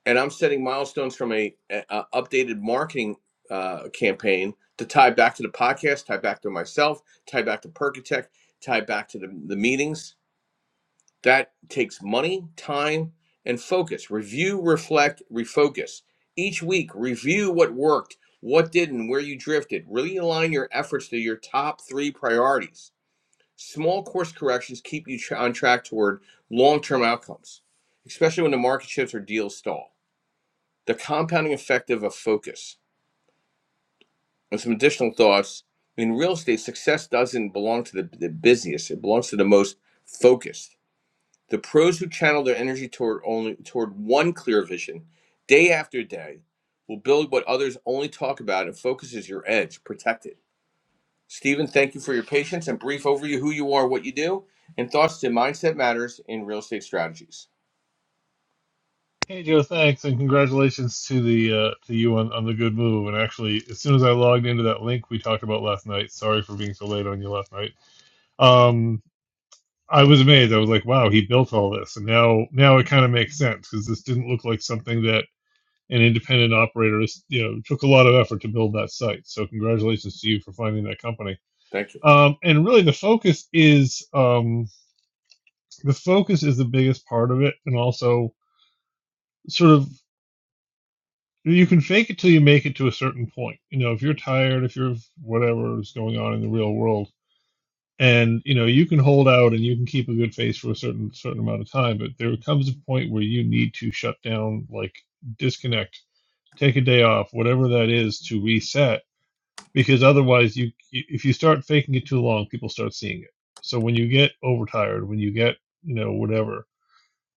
A: and I'm setting milestones from a, a, updated marketing uh, campaign to tie back to the podcast, tie back to myself, tie back to Percatech, tie back to the, the meetings. That takes money, time, and focus. Review, reflect, refocus. Each week, review what worked, what didn't, where you drifted. Really align your efforts to your top three priorities. Small course corrections keep you on track toward long term outcomes, especially when the market shifts or deals stall. The compounding effect of a focus. And some additional thoughts. In real estate, success doesn't belong to the, the busiest, it belongs to the most focused. The pros who channel their energy toward only toward one clear vision day after day will build what others only talk about and focus is your edge, protect it. Stephen, thank you for your patience and brief overview who you are, what you do, and thoughts to mindset matters in real estate strategies.
D: Hey Joe, thanks and congratulations to the uh, to you on, on the good move. And actually, as soon as I logged into that link we talked about last night, sorry for being so late on you last night. Um, I was amazed. I was like, wow, he built all this, and now now it kind of makes sense because this didn't look like something that an independent operator, is- you know, took a lot of effort to build that site. So congratulations to you for finding that company.
A: Thank you.
D: Um, and really, the focus is um, the focus is the biggest part of it, and also sort of you can fake it till you make it to a certain point. You know, if you're tired, if you're whatever is going on in the real world, and you know, you can hold out and you can keep a good face for a certain certain amount of time, but there comes a point where you need to shut down, like disconnect, take a day off, whatever that is, to reset. Because otherwise, you if you start faking it too long, people start seeing it. So when you get overtired, when you get you know whatever,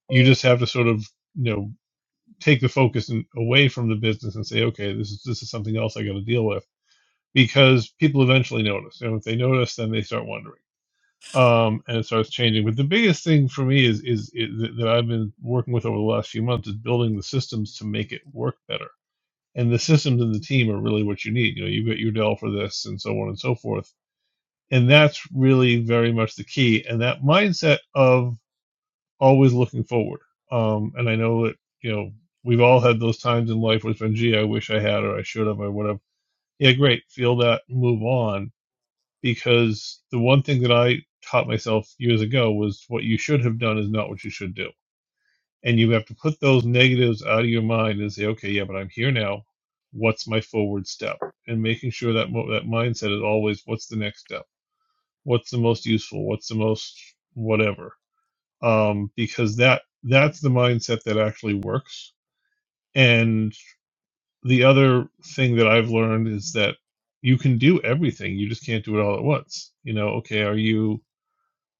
D: you just have to sort of you know take the focus and away from the business and say, okay, this is this is something else I got to deal with because people eventually notice. You know, if they notice, then they start wondering, um, and it starts changing. But the biggest thing for me is is, is that that I've been working with over the last few months is building the systems to make it work better. And the systems and the team are really what you need. You know, you've got your Dell for this, and so on and so forth. And that's really very much the key. And that mindset of always looking forward. Um, and I know that, you know, we've all had those times in life where it's been, gee, I wish I had or I should have, I would have. Yeah, great. Feel that, move on. Because the one thing that I taught myself years ago was what you should have done is not what you should do. And you have to put those negatives out of your mind and say, okay, yeah, but I'm here now. What's my forward step? And making sure that mo- that mindset is always, what's the next step? What's the most useful? What's the most whatever? um, because that that's the mindset that actually works. And the other thing that I've learned is that you can do everything. You just can't do it all at once. You know, okay, are you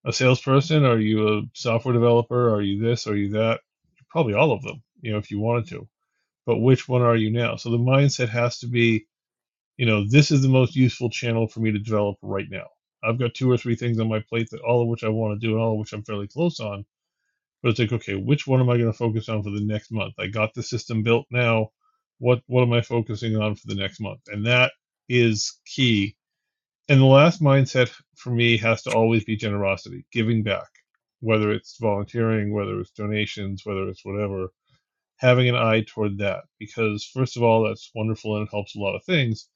D: a salesperson? Are you a software developer? Are you this? Are you that? Probably all of them, you know, if you wanted to. But which one are you now? So the mindset has to be, you know, this is the most useful channel for me to develop right now. I've got two or three things on my plate that all of which I want to do and all of which I'm fairly close on But it's like, okay, which one am I going to focus on for the next month? I got the system built now. What what am I focusing on for the next month? And that is key. And the last mindset for me has to always be generosity, giving back, whether it's volunteering, whether it's donations, whether it's whatever, having an eye toward that. Because, first of all, that's wonderful and it helps a lot of things.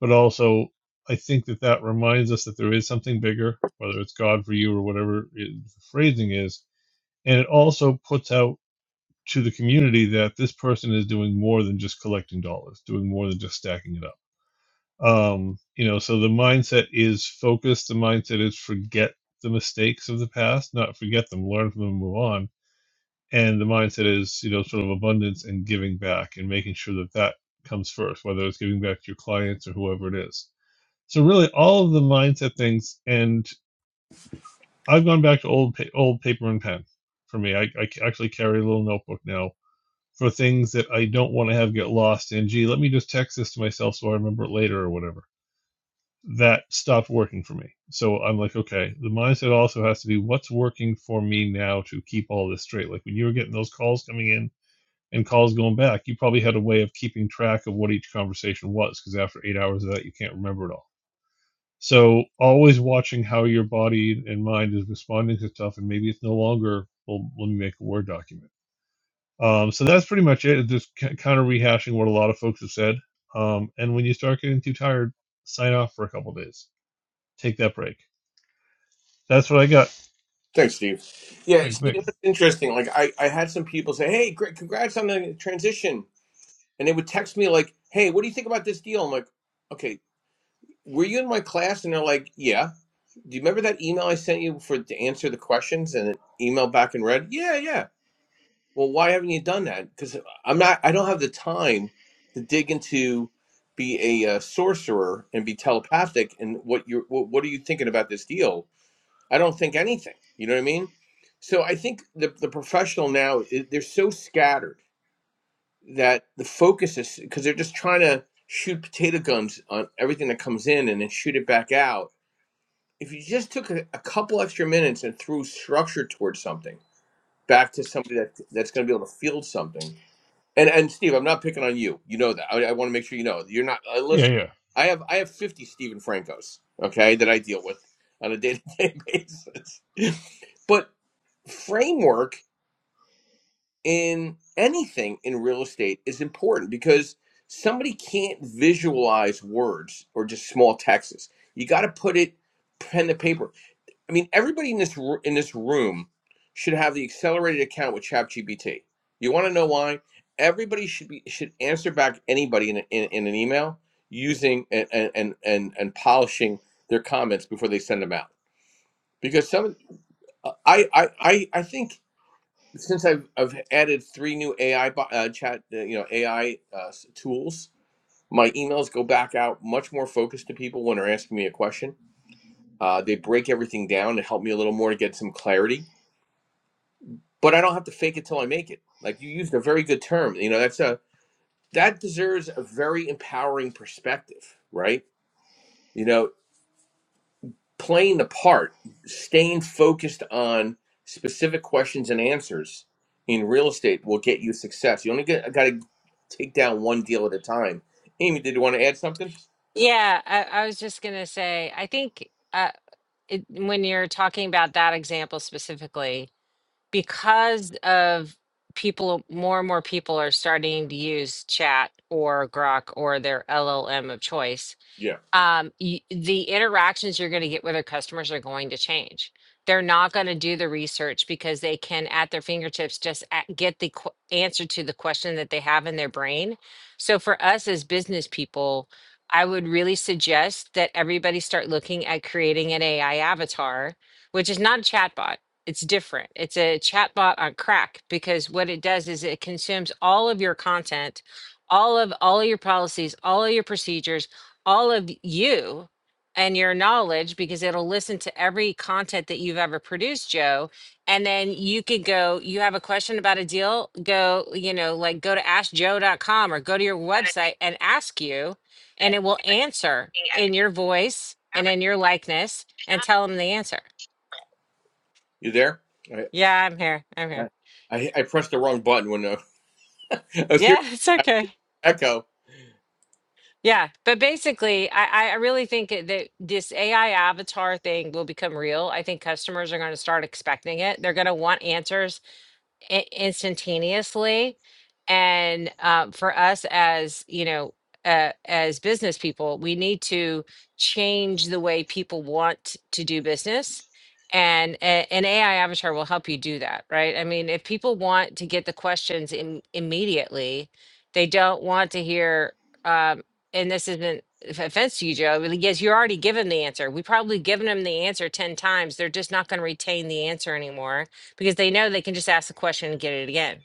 D: But also, I think that that reminds us that there is something bigger, whether it's God for you or whatever the phrasing is. And it also puts out to the community that this person is doing more than just collecting dollars, doing more than just stacking it up. Um, you know, so the mindset is focused. The mindset is forget the mistakes of the past, not forget them, learn from them, move on. And the mindset is, you know, sort of abundance and giving back and making sure that that comes first, whether it's giving back to your clients or whoever it is. So really, all of the mindset things. And I've gone back to old pa- old paper and pen. For me, I, I actually carry a little notebook now for things that I don't want to have get lost in. Gee, let me just text this to myself so I remember it later or whatever. That stopped working for me. So I'm like, okay, the mindset also has to be what's working for me now to keep all this straight. Like when you were getting those calls coming in and calls going back, you probably had a way of keeping track of what each conversation was because after eight hours of that, you can't remember it all. So always watching how your body and mind is responding to stuff, and maybe it's no longer, well, let me make a Word document um, so that's pretty much it. It's Just c- kind of rehashing what a lot of folks have said. Um, and when you start getting too tired, sign off for a couple days. Take that break. That's what I got.
A: Thanks, Steve. Yeah,
D: Quick,
A: see,
D: quick.
A: that's interesting. Like, I, I had some people say, "Hey, great, congrats on the transition," and they would text me like, "Hey, what do you think about this deal?" I'm like, "Okay, were you in my class?" And they're like, "Yeah." Do you remember that email I sent you for to answer the questions and an email back and read, Yeah, yeah. Well, why haven't you done that? Because I'm not. I don't have the time to dig into be a uh, sorcerer and be telepathic. And what you're, what, what are you thinking about this deal? I don't think anything. You know what I mean? So I think the the professional now i- they're so scattered that the focus is because they're just trying to shoot potato guns on everything that comes in and then shoot it back out. If you just took a, a couple extra minutes and threw structure towards something back to somebody that that's going to be able to field something. And and Steve, I'm not picking on you. You know that. I, I want to make sure you know you're not. Uh,
D: Yeah,
A: listen,
D: yeah.
A: I have I have 50 Stephen Francos, okay, that I deal with on a day to day basis. but framework in anything in real estate is important because somebody can't visualize words or just small texts. You got to put it pen to paper. I mean, everybody in this in this room should have the accelerated account with ChatGPT. You want to know why? Everybody should be should answer back anybody in, a- in, in an email using and and and and polishing their comments before they send them out because some uh, I I I think since I've I've added three new AI uh, chat, uh, you know, AI uh, tools, my emails go back out much more focused to people when they're asking me a question. Uh, they break everything down to help me a little more to get some clarity. But I don't have to fake it till I make it. Like you used a very good term. You know, that's a that deserves a very empowering perspective, right? You know, playing the part, staying focused on specific questions and answers in real estate will get you success. You only get got to take down one deal at a time. Amy, did you want to add something?
B: Yeah, I, I was just going to say, I think uh, it, when you're talking about that example specifically, because of people, more and more people are starting to use chat or Grok or their LLM of choice
A: Yeah.
B: um, y the interactions you're going to get with our customers are going to change. They're not going to do the research because they can, at their fingertips, just a- get the qu- answer to the question that they have in their brain. So, for us as business people, I would really suggest that everybody start looking at creating an AI avatar, which is not a chatbot. It's different. It's a chatbot on crack because what it does is it consumes all of your content, all of all of your policies, all of your procedures, all of you and your knowledge because it'll listen to every content that you've ever produced, Joe. And then you could go, you have a question about a deal, go, you know, like go to ask joe dot com or go to your website and ask you, and it will answer in your voice and in your likeness and tell them the answer.
A: You there? I
B: Yeah, I'm here. I'm here.
A: I, I I pressed the wrong button when uh, I was
B: Yeah,
A: here.
B: it's okay.
A: Echo.
B: Yeah, but basically, I, I really think it- that this AI avatar thing will become real. I think customers are going to start expecting it. They're going to want answers i- instantaneously and um, for us as you know uh, as business people we need to change the way people want to do business and a- an ai avatar will help you do that right i mean if people want to get the questions in immediately they don't want to hear um, and this isn't of- offense to you joe but yes you're already given the answer we probably given them the answer 10 times they're just not going to retain the answer anymore because they know they can just ask the question and get it again.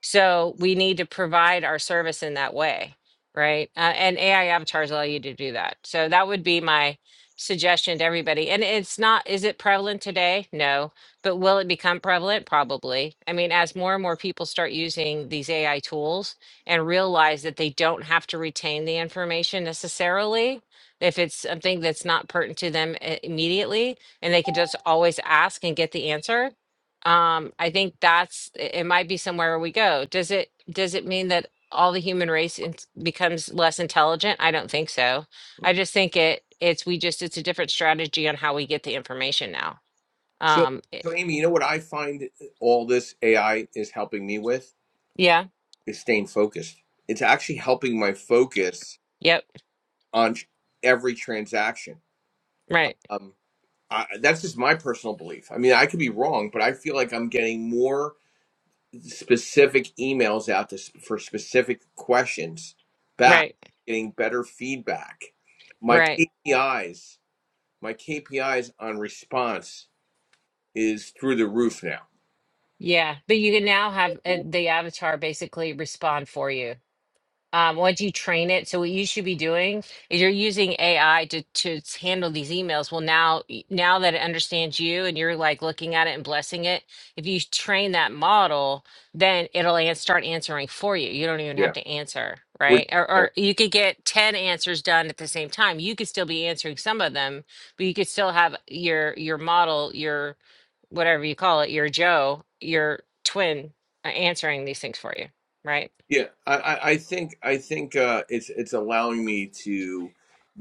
B: So we need to provide our service in that way, right? Uh, and AI avatars allow you to do that. So that would be my suggestion to everybody. And it's not, is it prevalent today? No. But will it become prevalent? Probably. I mean, as more and more people start using these AI tools and realize that they don't have to retain the information necessarily, if it's something that's not pertinent to them uh, immediately, and they can just always ask and get the answer, um i think that's it it might be somewhere we go does it does it mean that all the human race in- becomes less intelligent i don't think so
A: Mm-hmm.
B: i just think it it's we just it's a different strategy on how we get the information now
A: So,
B: um it-
A: so Amy, you know what I find all this AI is helping me with
B: yeah
A: is staying focused. It's actually helping my focus
B: yep
A: on tr- every transaction.
B: right
A: Um, I, that's just my personal belief. I mean, I could be wrong, but I feel like I'm getting more. specific emails out to, for specific questions back,
B: right
A: getting better feedback. My
B: right
A: KPIs, my KPIs on response is through the roof now.
B: yeah but you can now have uh, the avatar basically respond for you um, once you train it, so what you should be doing is you're using AI to to s- handle these emails. Well, now y- now that it understands you and you're like looking at it and blessing it, if you train that model, then it'll an- start answering for you. You don't even
A: Yeah,
B: have to answer,
A: we're
B: right? Or,
A: getting there.
B: or you could get ten answers done at the same time. You could still be answering some of them, but you could still have your your model, your whatever you call it, your Joe, your twin uh, answering these things for you, right?
A: Yeah, I, I, I think I think uh, it's it's allowing me to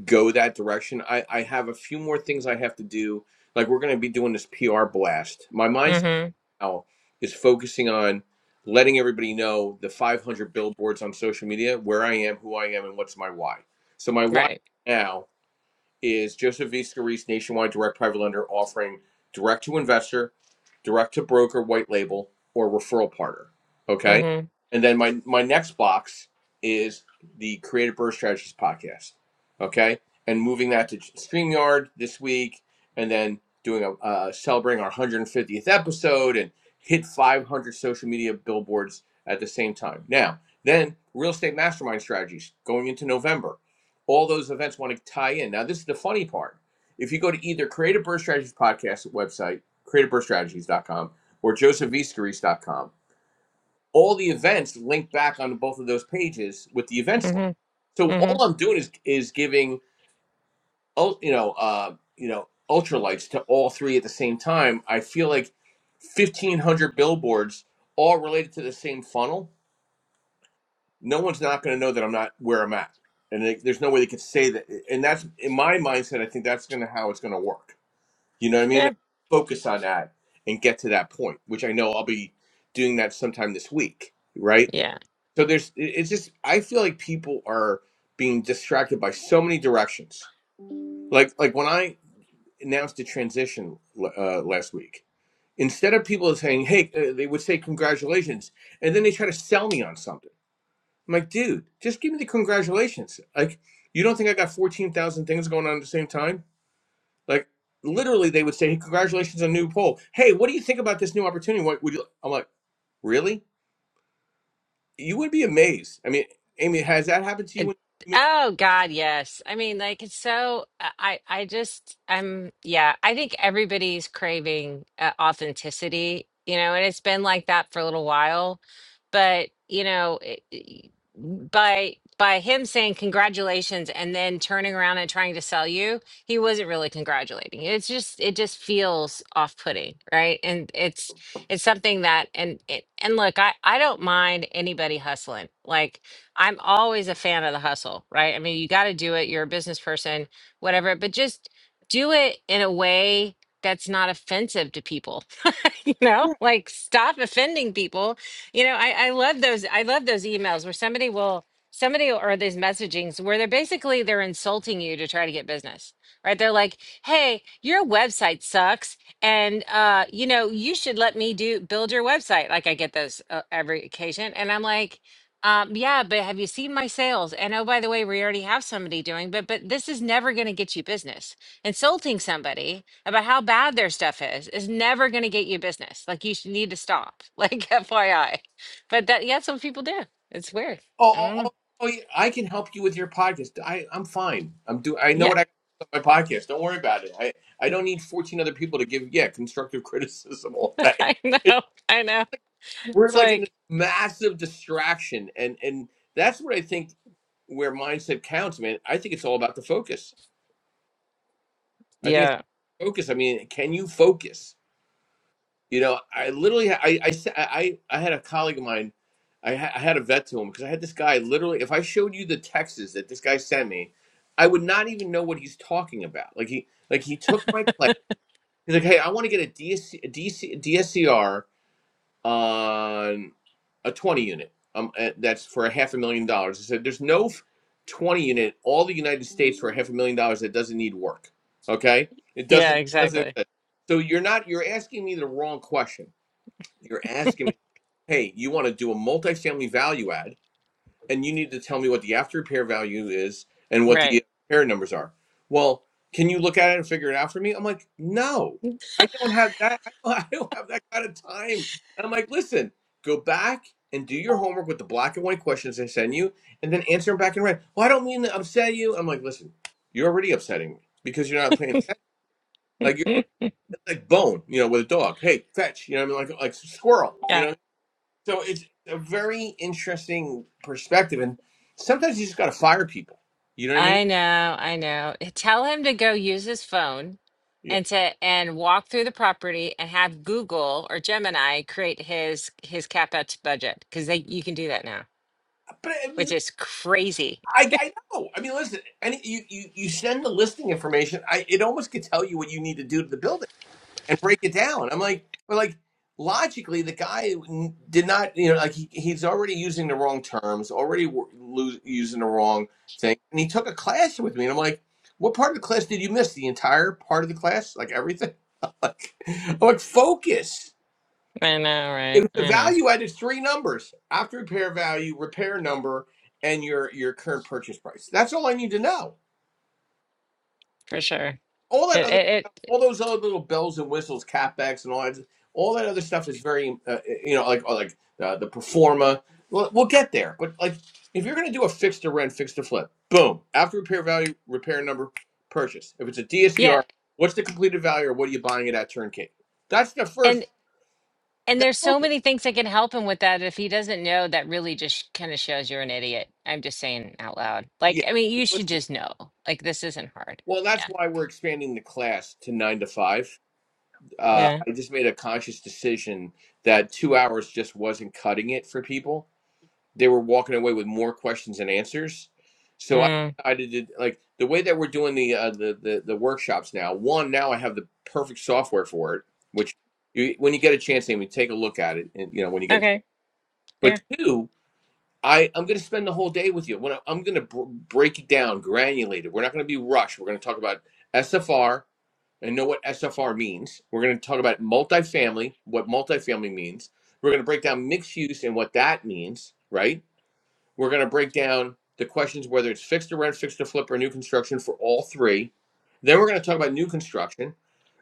A: go that direction. I, I have a few more things I have to do. Like we're going to be doing this PR blast. My mindset.
B: Mm-hmm.
A: now is focusing on letting everybody know the 500 billboards on social media where I am, who I am, and what's my why. So my why
B: Right.
A: right now is Joseph V. Scarice nationwide direct private lender offering direct to investor, direct to broker, white label, or referral partner. Okay.
B: Mm-hmm.
A: And then my, my next box is the Creative Birth Strategies podcast. Okay. And moving that to StreamYard this week and then doing a uh, celebrating our 150th episode and hit 500 social media billboards at the same time. Now, then real estate mastermind strategies going into November all those events want to tie in. Now, this is the funny part. If you go to either Creative Birth Strategies podcast website, creative birth strategies dot com, or joseph v scarice dot com, all the events link back on both of those pages with the events link.
B: Mm-hmm.
A: So
B: Mm-hmm.
A: all I'm doing is is giving ul- you know uh, you know ultralights to all three at the same time. I feel like 1,500 billboards all related to the same funnel no one's not going to know that I'm not where I'm at. And they, there's no way they could say that. And that's in my mindset. I think that's going to how it's going to work. You know what I mean?
B: Yeah.
A: Focus on that and get to that point, which I know I'll be doing that sometime this week, right?
B: Yeah.
A: So there's, it- it's just I feel like people are being distracted by so many directions. Like like when I announced the transition uh, last week, instead of people saying, "Hey," uh, they would say, "Congratulations," and then they try to sell me on something. I'm like, dude, just give me the congratulations. Like, you don't think I got 14,000 things going on at the same time? Like, literally, they would say, hey, congratulations on a new poll. Hey, what do you think about this new opportunity? What would you? I'm like, really? You would be amazed. I mean, Amy, has that happened to you?
B: It-
A: When you make,
B: Oh God, yes. I mean, like it's so. I I just I'm yeah. I think everybody's craving uh, authenticity, you know, and it's been like that for a little while. But you know, it, it- mm, by by him saying congratulations and then turning around and trying to sell you, he wasn't really congratulating. It's just it just feels off putting, right? And it's it's something that and it, and look, I I don't mind anybody hustling, like. I'm always a fan of the hustle, right? I mean, you got to do it. You're a business person, whatever, but just do it in a way that's not offensive to people. you know, like stop offending people. You know, I, I love those. I love those emails where somebody will, somebody will- or these messagings where they're basically they're insulting you to try to get business, right? They're like, "Hey, your website sucks, and uh, you know, you should let me do build your website." Like I get those uh, every occasion, and I'm like. Um, yeah, but have you seen my sales? And oh, by the way, we already have somebody doing, but but this is never going to get you business. Insulting somebody about how bad their stuff is is never going to get you business. Like you should need to stop. Like FYI. But that yeah, that's what people do. It's weird.
A: oh,
B: I don't
A: oh,
B: know.
A: oh, oh, yeah, I can help you with your podcast. I, I'm fine. I'm do. I know
B: Yeah,
A: what I can do on my podcast. Don't worry about it. I, I don't need 14 other people to give, yeah, constructive criticism all
B: I
A: day.
B: know. I know.
A: we're
B: It's
A: like in this
B: like
A: massive distraction and and that's what i think where mindset counts man i think it's all about the focus i think it's
B: yeah,
A: focus i mean can you focus you know i literally i i sa- i, I had a colleague of mine I, ha- I had a vet to him because i had this guy literally if i showed you the texts that this guy sent me i would not even know what he's talking about like he like he took my class he's like hey i want to get a D S C, a dscr on a 20 unit. Um, uh, that's for a half a million dollars. I said, there's no 20 unit, all the United States for a half a million dollars that doesn't need work. Okay. It
B: yeah,
A: doesn't, doesn't,
B: exactly.
A: so you're not, you're asking me the wrong question. You're asking me, hey, you want to do a multifamily value add? and you need to tell me what the after repair value is and what
B: Right.
A: the repair numbers are. Well, can you look at it and figure it out for me? I'm like, no, I don't have that. I don't, I don't have that kind of time. And I'm like, listen, go back and do your homework with the black and white questions they send you, and then answer them back in red. Well, I don't mean to upset you. I'm like, listen, you're already upsetting me because you're not paying attention. Like you're like bone, you know, with a dog. Hey, fetch. You know, what I mean, like like squirrel. You
B: yeah.
A: know. So it's a very interesting perspective, and sometimes you just got to fire people. You know what I mean?
B: I know, I know. Tell him to go use his phone
A: Yeah.
B: and to and walk through the property and have Google or Gemini create his his CapEx budget because they you can do that now,
A: But I,
B: which
A: mean,
B: is crazy.
A: I, I know. I mean, listen. Any you, you you send the listing information. I it almost could tell you what you need to do to the building. and break it down. I'm like, but like logically, the guy did not, you know, like he, he's already using the wrong terms, already w- lo- using the wrong thing, and he took a class with me, and I'm like, what part of the class did you miss? The entire part of the class, like everything. like, I'm like, focus.
B: I know,
A: It
B: right?
A: was the
B: I know
A: value added three numbers: after repair value, repair number, and your your current purchase price. That's all I need to know
B: for sure.
A: all that
B: It,
A: other
B: it,
A: stuff,
B: it
A: all those other little bells and whistles, capex, and all that, all that other stuff is very, uh, uh, you know, like or like uh, the performa. We'll, we'll get there, but like if you're going to do a fix to rent, fix to flip, boom, after repair value, repair number, purchase. If it's a DSCR,
B: yeah,
A: what's the completed value, or what are you buying it at turnkey? That's the first.
B: and and
A: That
B: there's so
A: focus.
B: many things that can help him with that. If he doesn't know, that really just kind of shows you're an idiot. I'm just saying out loud.
A: Yeah.
B: Like, I mean, you should
A: Listen.
B: just know. Like, this isn't hard.
A: Well, that's
B: Yeah.
A: why we're expanding the class to nine to five. Uh,
B: Yeah.
A: I just made a conscious decision that two hours just wasn't cutting it for people they were walking away with more questions and answers. So I
B: Mm.
A: decided to like the way that we're doing the uh, the, the the workshops now. One, now I have the perfect software for it, which you, when you get a chance, Amy, take a look at it. And you know when you get a
B: Okay.
A: chance.
B: Yeah.
A: But two, I I'm going to spend the whole day with you. When I, I'm going to br- break it down, granulated. We're not going to be rushed. We're going to talk about SFR and know what SFR means. We're going to talk about multifamily, what multifamily means. We're going to break down mixed use and what that means, right? We're going to break down the questions whether it's fixed to rent, fixed to flip, or new construction for all three. Then we're going to talk about new construction,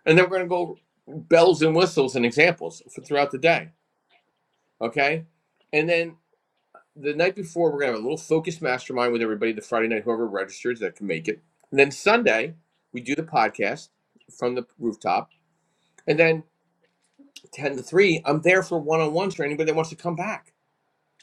A: and then we're going to go bells and whistles and examples for throughout the day. Okay, and then the night before we're going to have a little focused mastermind with everybody. The Friday night, whoever registers that can make it. And then Sunday we do the podcast from the rooftop, and then ten to three I'm there for one on ones for anybody that wants to come back.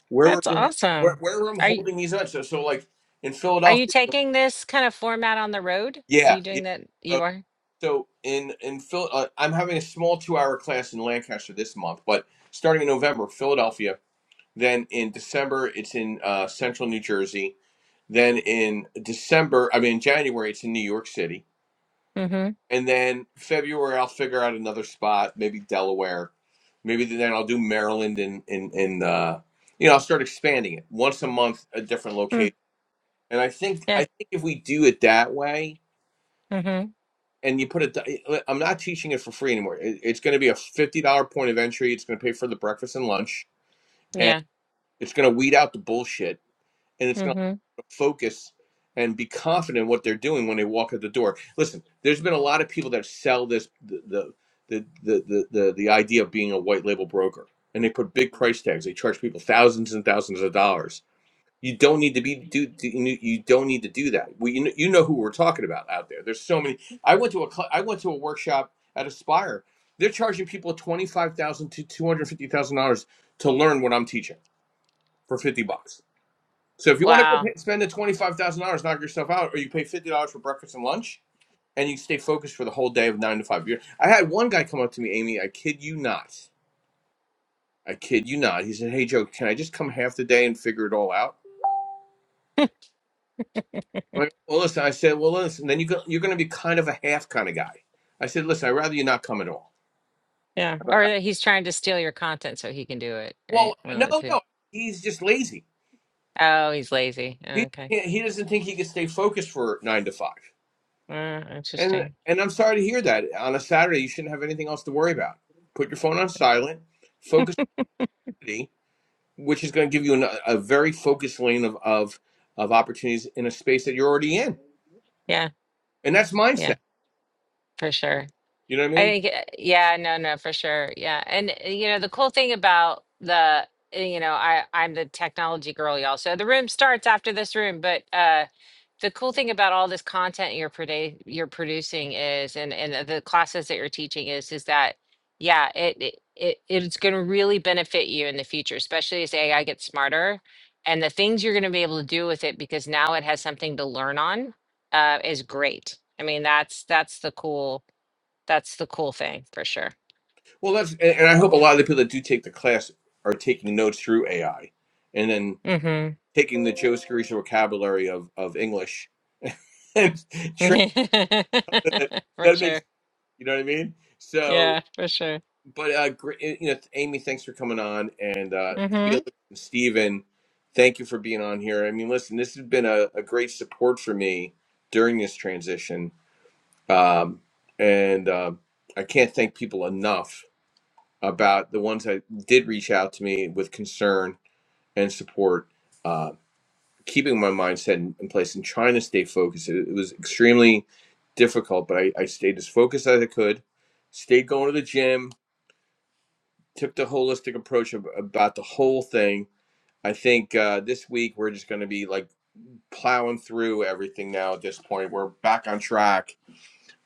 A: Where
B: That's
A: we're where,
B: awesome.
A: where I'm
B: Are you,
A: holding these on. So so like in
B: are you
A: Philadelphia.
B: taking this kind of format on the road? Are you
A: Yeah, yeah.
B: doing that? You
A: So,
B: are?
A: so in in Phil, uh, I'm having a small two hour class in Lancaster this month, but starting in November, Philadelphia. Then in December, it's in uh, Central New Jersey. Then in December, I mean in January, it's in New York City.
B: Mm-hmm.
A: And then February, I'll figure out another spot, maybe Delaware. Maybe then I'll do Maryland and and and uh, you know I'll start expanding it once a month, a different
B: Mm.
A: location. And I think I
B: Yeah.
A: think if we do it that way
B: Mm-hmm.
A: and you put it. I'm not teaching it for free anymore. It, it's going to be a fifty dollar point of entry. It's going to pay for the breakfast and lunch, and
B: Yeah.
A: it's going to weed out the bullshit, and it's going to
B: Mm-hmm.
A: focus and be confident in what they're doing when they walk out the door. Listen, there's been a lot of people that sell this the the the the, the, the idea of being a white label broker, and they put big price tags. They charge people thousands and thousands of dollars you don't need to be do, do you don't need to do that. We you know, you know who we're talking about out there. There's so many. I went to a cl- I went to a workshop at Aspire. They're charging people twenty five thousand dollars to two hundred fifty thousand dollars to learn what I'm teaching for fifty bucks. So if you want to go
B: Wow.
A: pay, spend the twenty five thousand dollars, knock yourself out, or you pay fifty dollars for breakfast and lunch, and you stay focused for the whole day of nine to five. You're, I had one guy come up to me, Amy. I kid you not. I kid you not. He said, "Hey Joe, can I just come half the day and figure it all out?" Right. Well, listen, I said, well, listen, then you go, you're going to be kind of a half kind of guy. I said, listen, I'd rather you not come at all.
B: Yeah.
A: I-
B: Or
A: I-
B: that he's trying to steal your content so he can do it, right?
A: well,
B: One of
A: no,
B: the two.
A: no, he's just lazy.
B: Oh, he's lazy.
A: He
B: Okay.
A: can't, he doesn't think he can stay focused for nine to five.
B: Uh,
A: And
B: interesting.
A: and I'm sorry to hear that. On a Saturday, you shouldn't have anything else to worry about. Put your phone on silent, focus on study, which is going to give you an, a very focused lane of, of of opportunities in a space that you're already in.
B: Yeah.
A: And that's
B: Yeah.
A: mindset.
B: For sure.
A: You know what I
B: I
A: mean?
B: think, uh, yeah, no, no, for sure. Yeah. And, uh, you know, the cool thing about the, uh, you know, I, I'm the technology girl, y'all. So the room starts after this room, but, uh, the cool thing about all this content you're produ- you're producing is and and uh, the classes that you're teaching is is that yeah it it, it it's going to really benefit you in the future especially as AI gets smarter and the things you're going to be able to do with it because now it has something to learn on uh, is great. I mean that's that's the cool that's the cool thing for sure.
A: Well, that's and, and I hope a lot of the people that do take the class are taking notes through AI, and then
B: Mhm.
A: taking the Joe Scarice vocabulary of of English and trying to,
B: for
A: that makes
B: sure.
A: you know what I mean.
B: Yeah,
A: So,
B: for sure.
A: but uh, great, you know, Amy, thanks for coming on, and uh,
B: Mhm.
A: Felix and Steven, thank you for being on here. I mean, listen, this has been a, a great support for me during this transition, um, and uh, I can't thank people enough about the ones that did reach out to me with concern and support, uh, keeping my mindset in, in place and trying to stay focused. It, it was extremely difficult, but I, I stayed as focused as I could, stayed going to the gym, took the holistic approach of, about the whole thing. I think uh, this week we're just going to be like plowing through everything now at this point. We're back on track.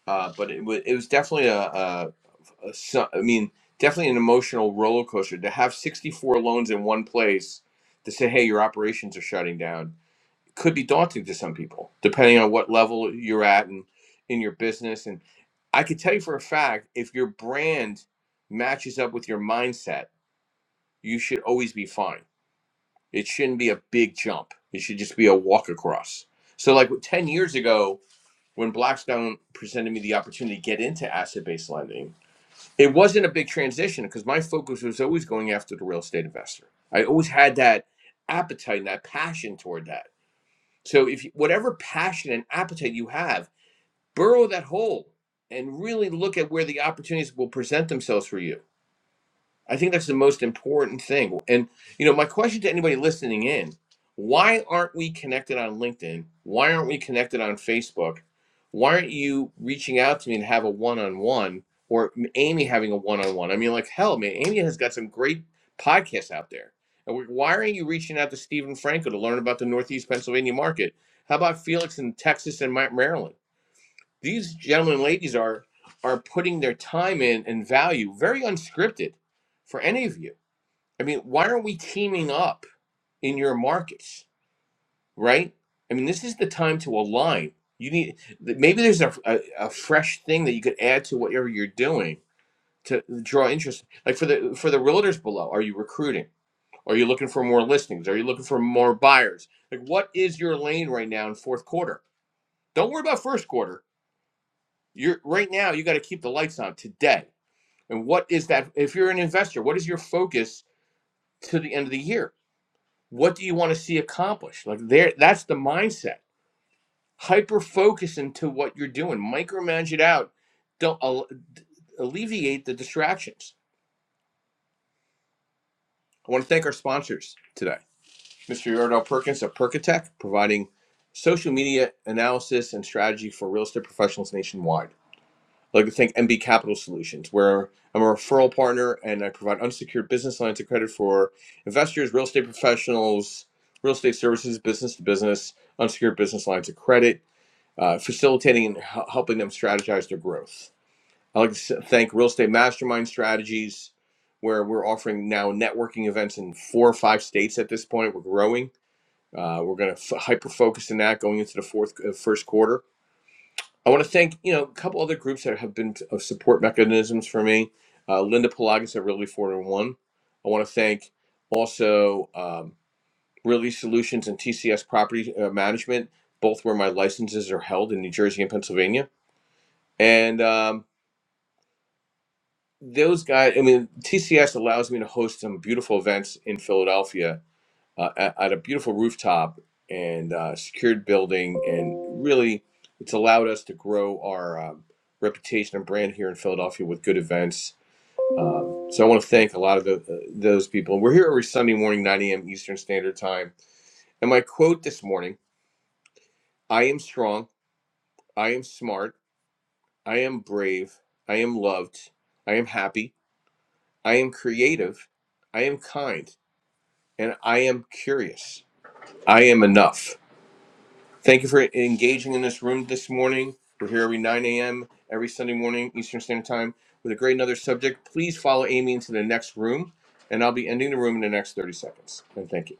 A: Uh, but it, wa it was definitely a, a uh, so, I mean, definitely an emotional roller coaster to have 64 loans in one place to say, hey, your operations are shutting down could be daunting to some people, depending on what level you're at and in your business. And I could tell you for a fact if your brand matches up with your mindset, you should always be fine. It shouldn't be a big jump, it should just be a walk across. So, like 10 years ago, when Blackstone presented me the opportunity to get into asset based lending, it wasn't a big transition because my focus was always going after the real estate investor. I always had that appetite and that passion toward that. So if you, whatever passion and appetite you have, burrow that hole and really look at where the opportunities will present themselves for you I think that's the most important thing. And you know, my question to anybody listening in, why aren't we connected on LinkedIn? Why aren't we connected on Facebook? Why aren't you reaching out to me to have a one-on-one or Amy having a one-on-one? I mean, like hell, man, Amy has got some great podcasts out there. And we- why aren't you reaching out to Stephen Franco to learn about the Northeast Pennsylvania market? How about Felix in Texas and Ma- Maryland? these gentlemen and ladies are are putting their time in and value very unscripted for any of you i mean why aren't we teaming up in your markets right i mean this is the time to align you need th- maybe there's a, a, a fresh thing that you could add to whatever you're doing to draw interest like for the for the realtors below are you recruiting are you looking for more listings are you looking for more buyers like what is your lane right now in fourth quarter don't worry about first quarter You're right now you got to keep the lights on today. And what is that if you're an investor, what is your focus to the end of the year? What do you want to see accomplished? Like there that's the mindset. Hyper focus into what you're doing. Micromanage it out. Don't al- alleviate the distractions. I want to thank our sponsors today. Mr. Yordell Perkins of Perkatech providing social media analysis and strategy for real estate professionals nationwide. Like think MB Capital Solutions, where I'm a referral partner and I provide unsecured business lines of credit for investors, real estate professionals, real estate services, business to business, unsecured business lines of credit, uh, facilitating and h- helping them strategize their growth. I would like to s- thank Real Estate Mastermind Strategies, where we're offering now networking events in four or five states at this point. We're growing. Uh, we're going to f- hyper focus in that going into the fourth uh, first quarter I want to thank you know a couple other groups that have been of support mechanisms for me. Uh, Linda Pelagas at Really Four and One. I want to thank also um, Really Solutions and TCS Property uh, Management, both where my licenses are held in New Jersey and Pennsylvania. And um, those guys, I mean, TCS allows me to host some beautiful events in Philadelphia uh, at, at a beautiful rooftop and uh, secured building. And really, it's allowed us to grow our um, reputation and brand here in Philadelphia with good events. Um, so I want to thank a lot of the, uh, those people. We're here every Sunday morning, 9 a.m. Eastern Standard Time. And my quote this morning I am strong, I am smart, I am brave, I am loved, I am happy, I am creative, I am kind, and I am curious. I am enough. Thank you for engaging in this room this morning. We're here every 9 a.m. every Sunday morning Eastern Standard Time with a great another subject. Please follow Amy into the next room, and I'll be ending the room in the next 30 seconds. And thank you.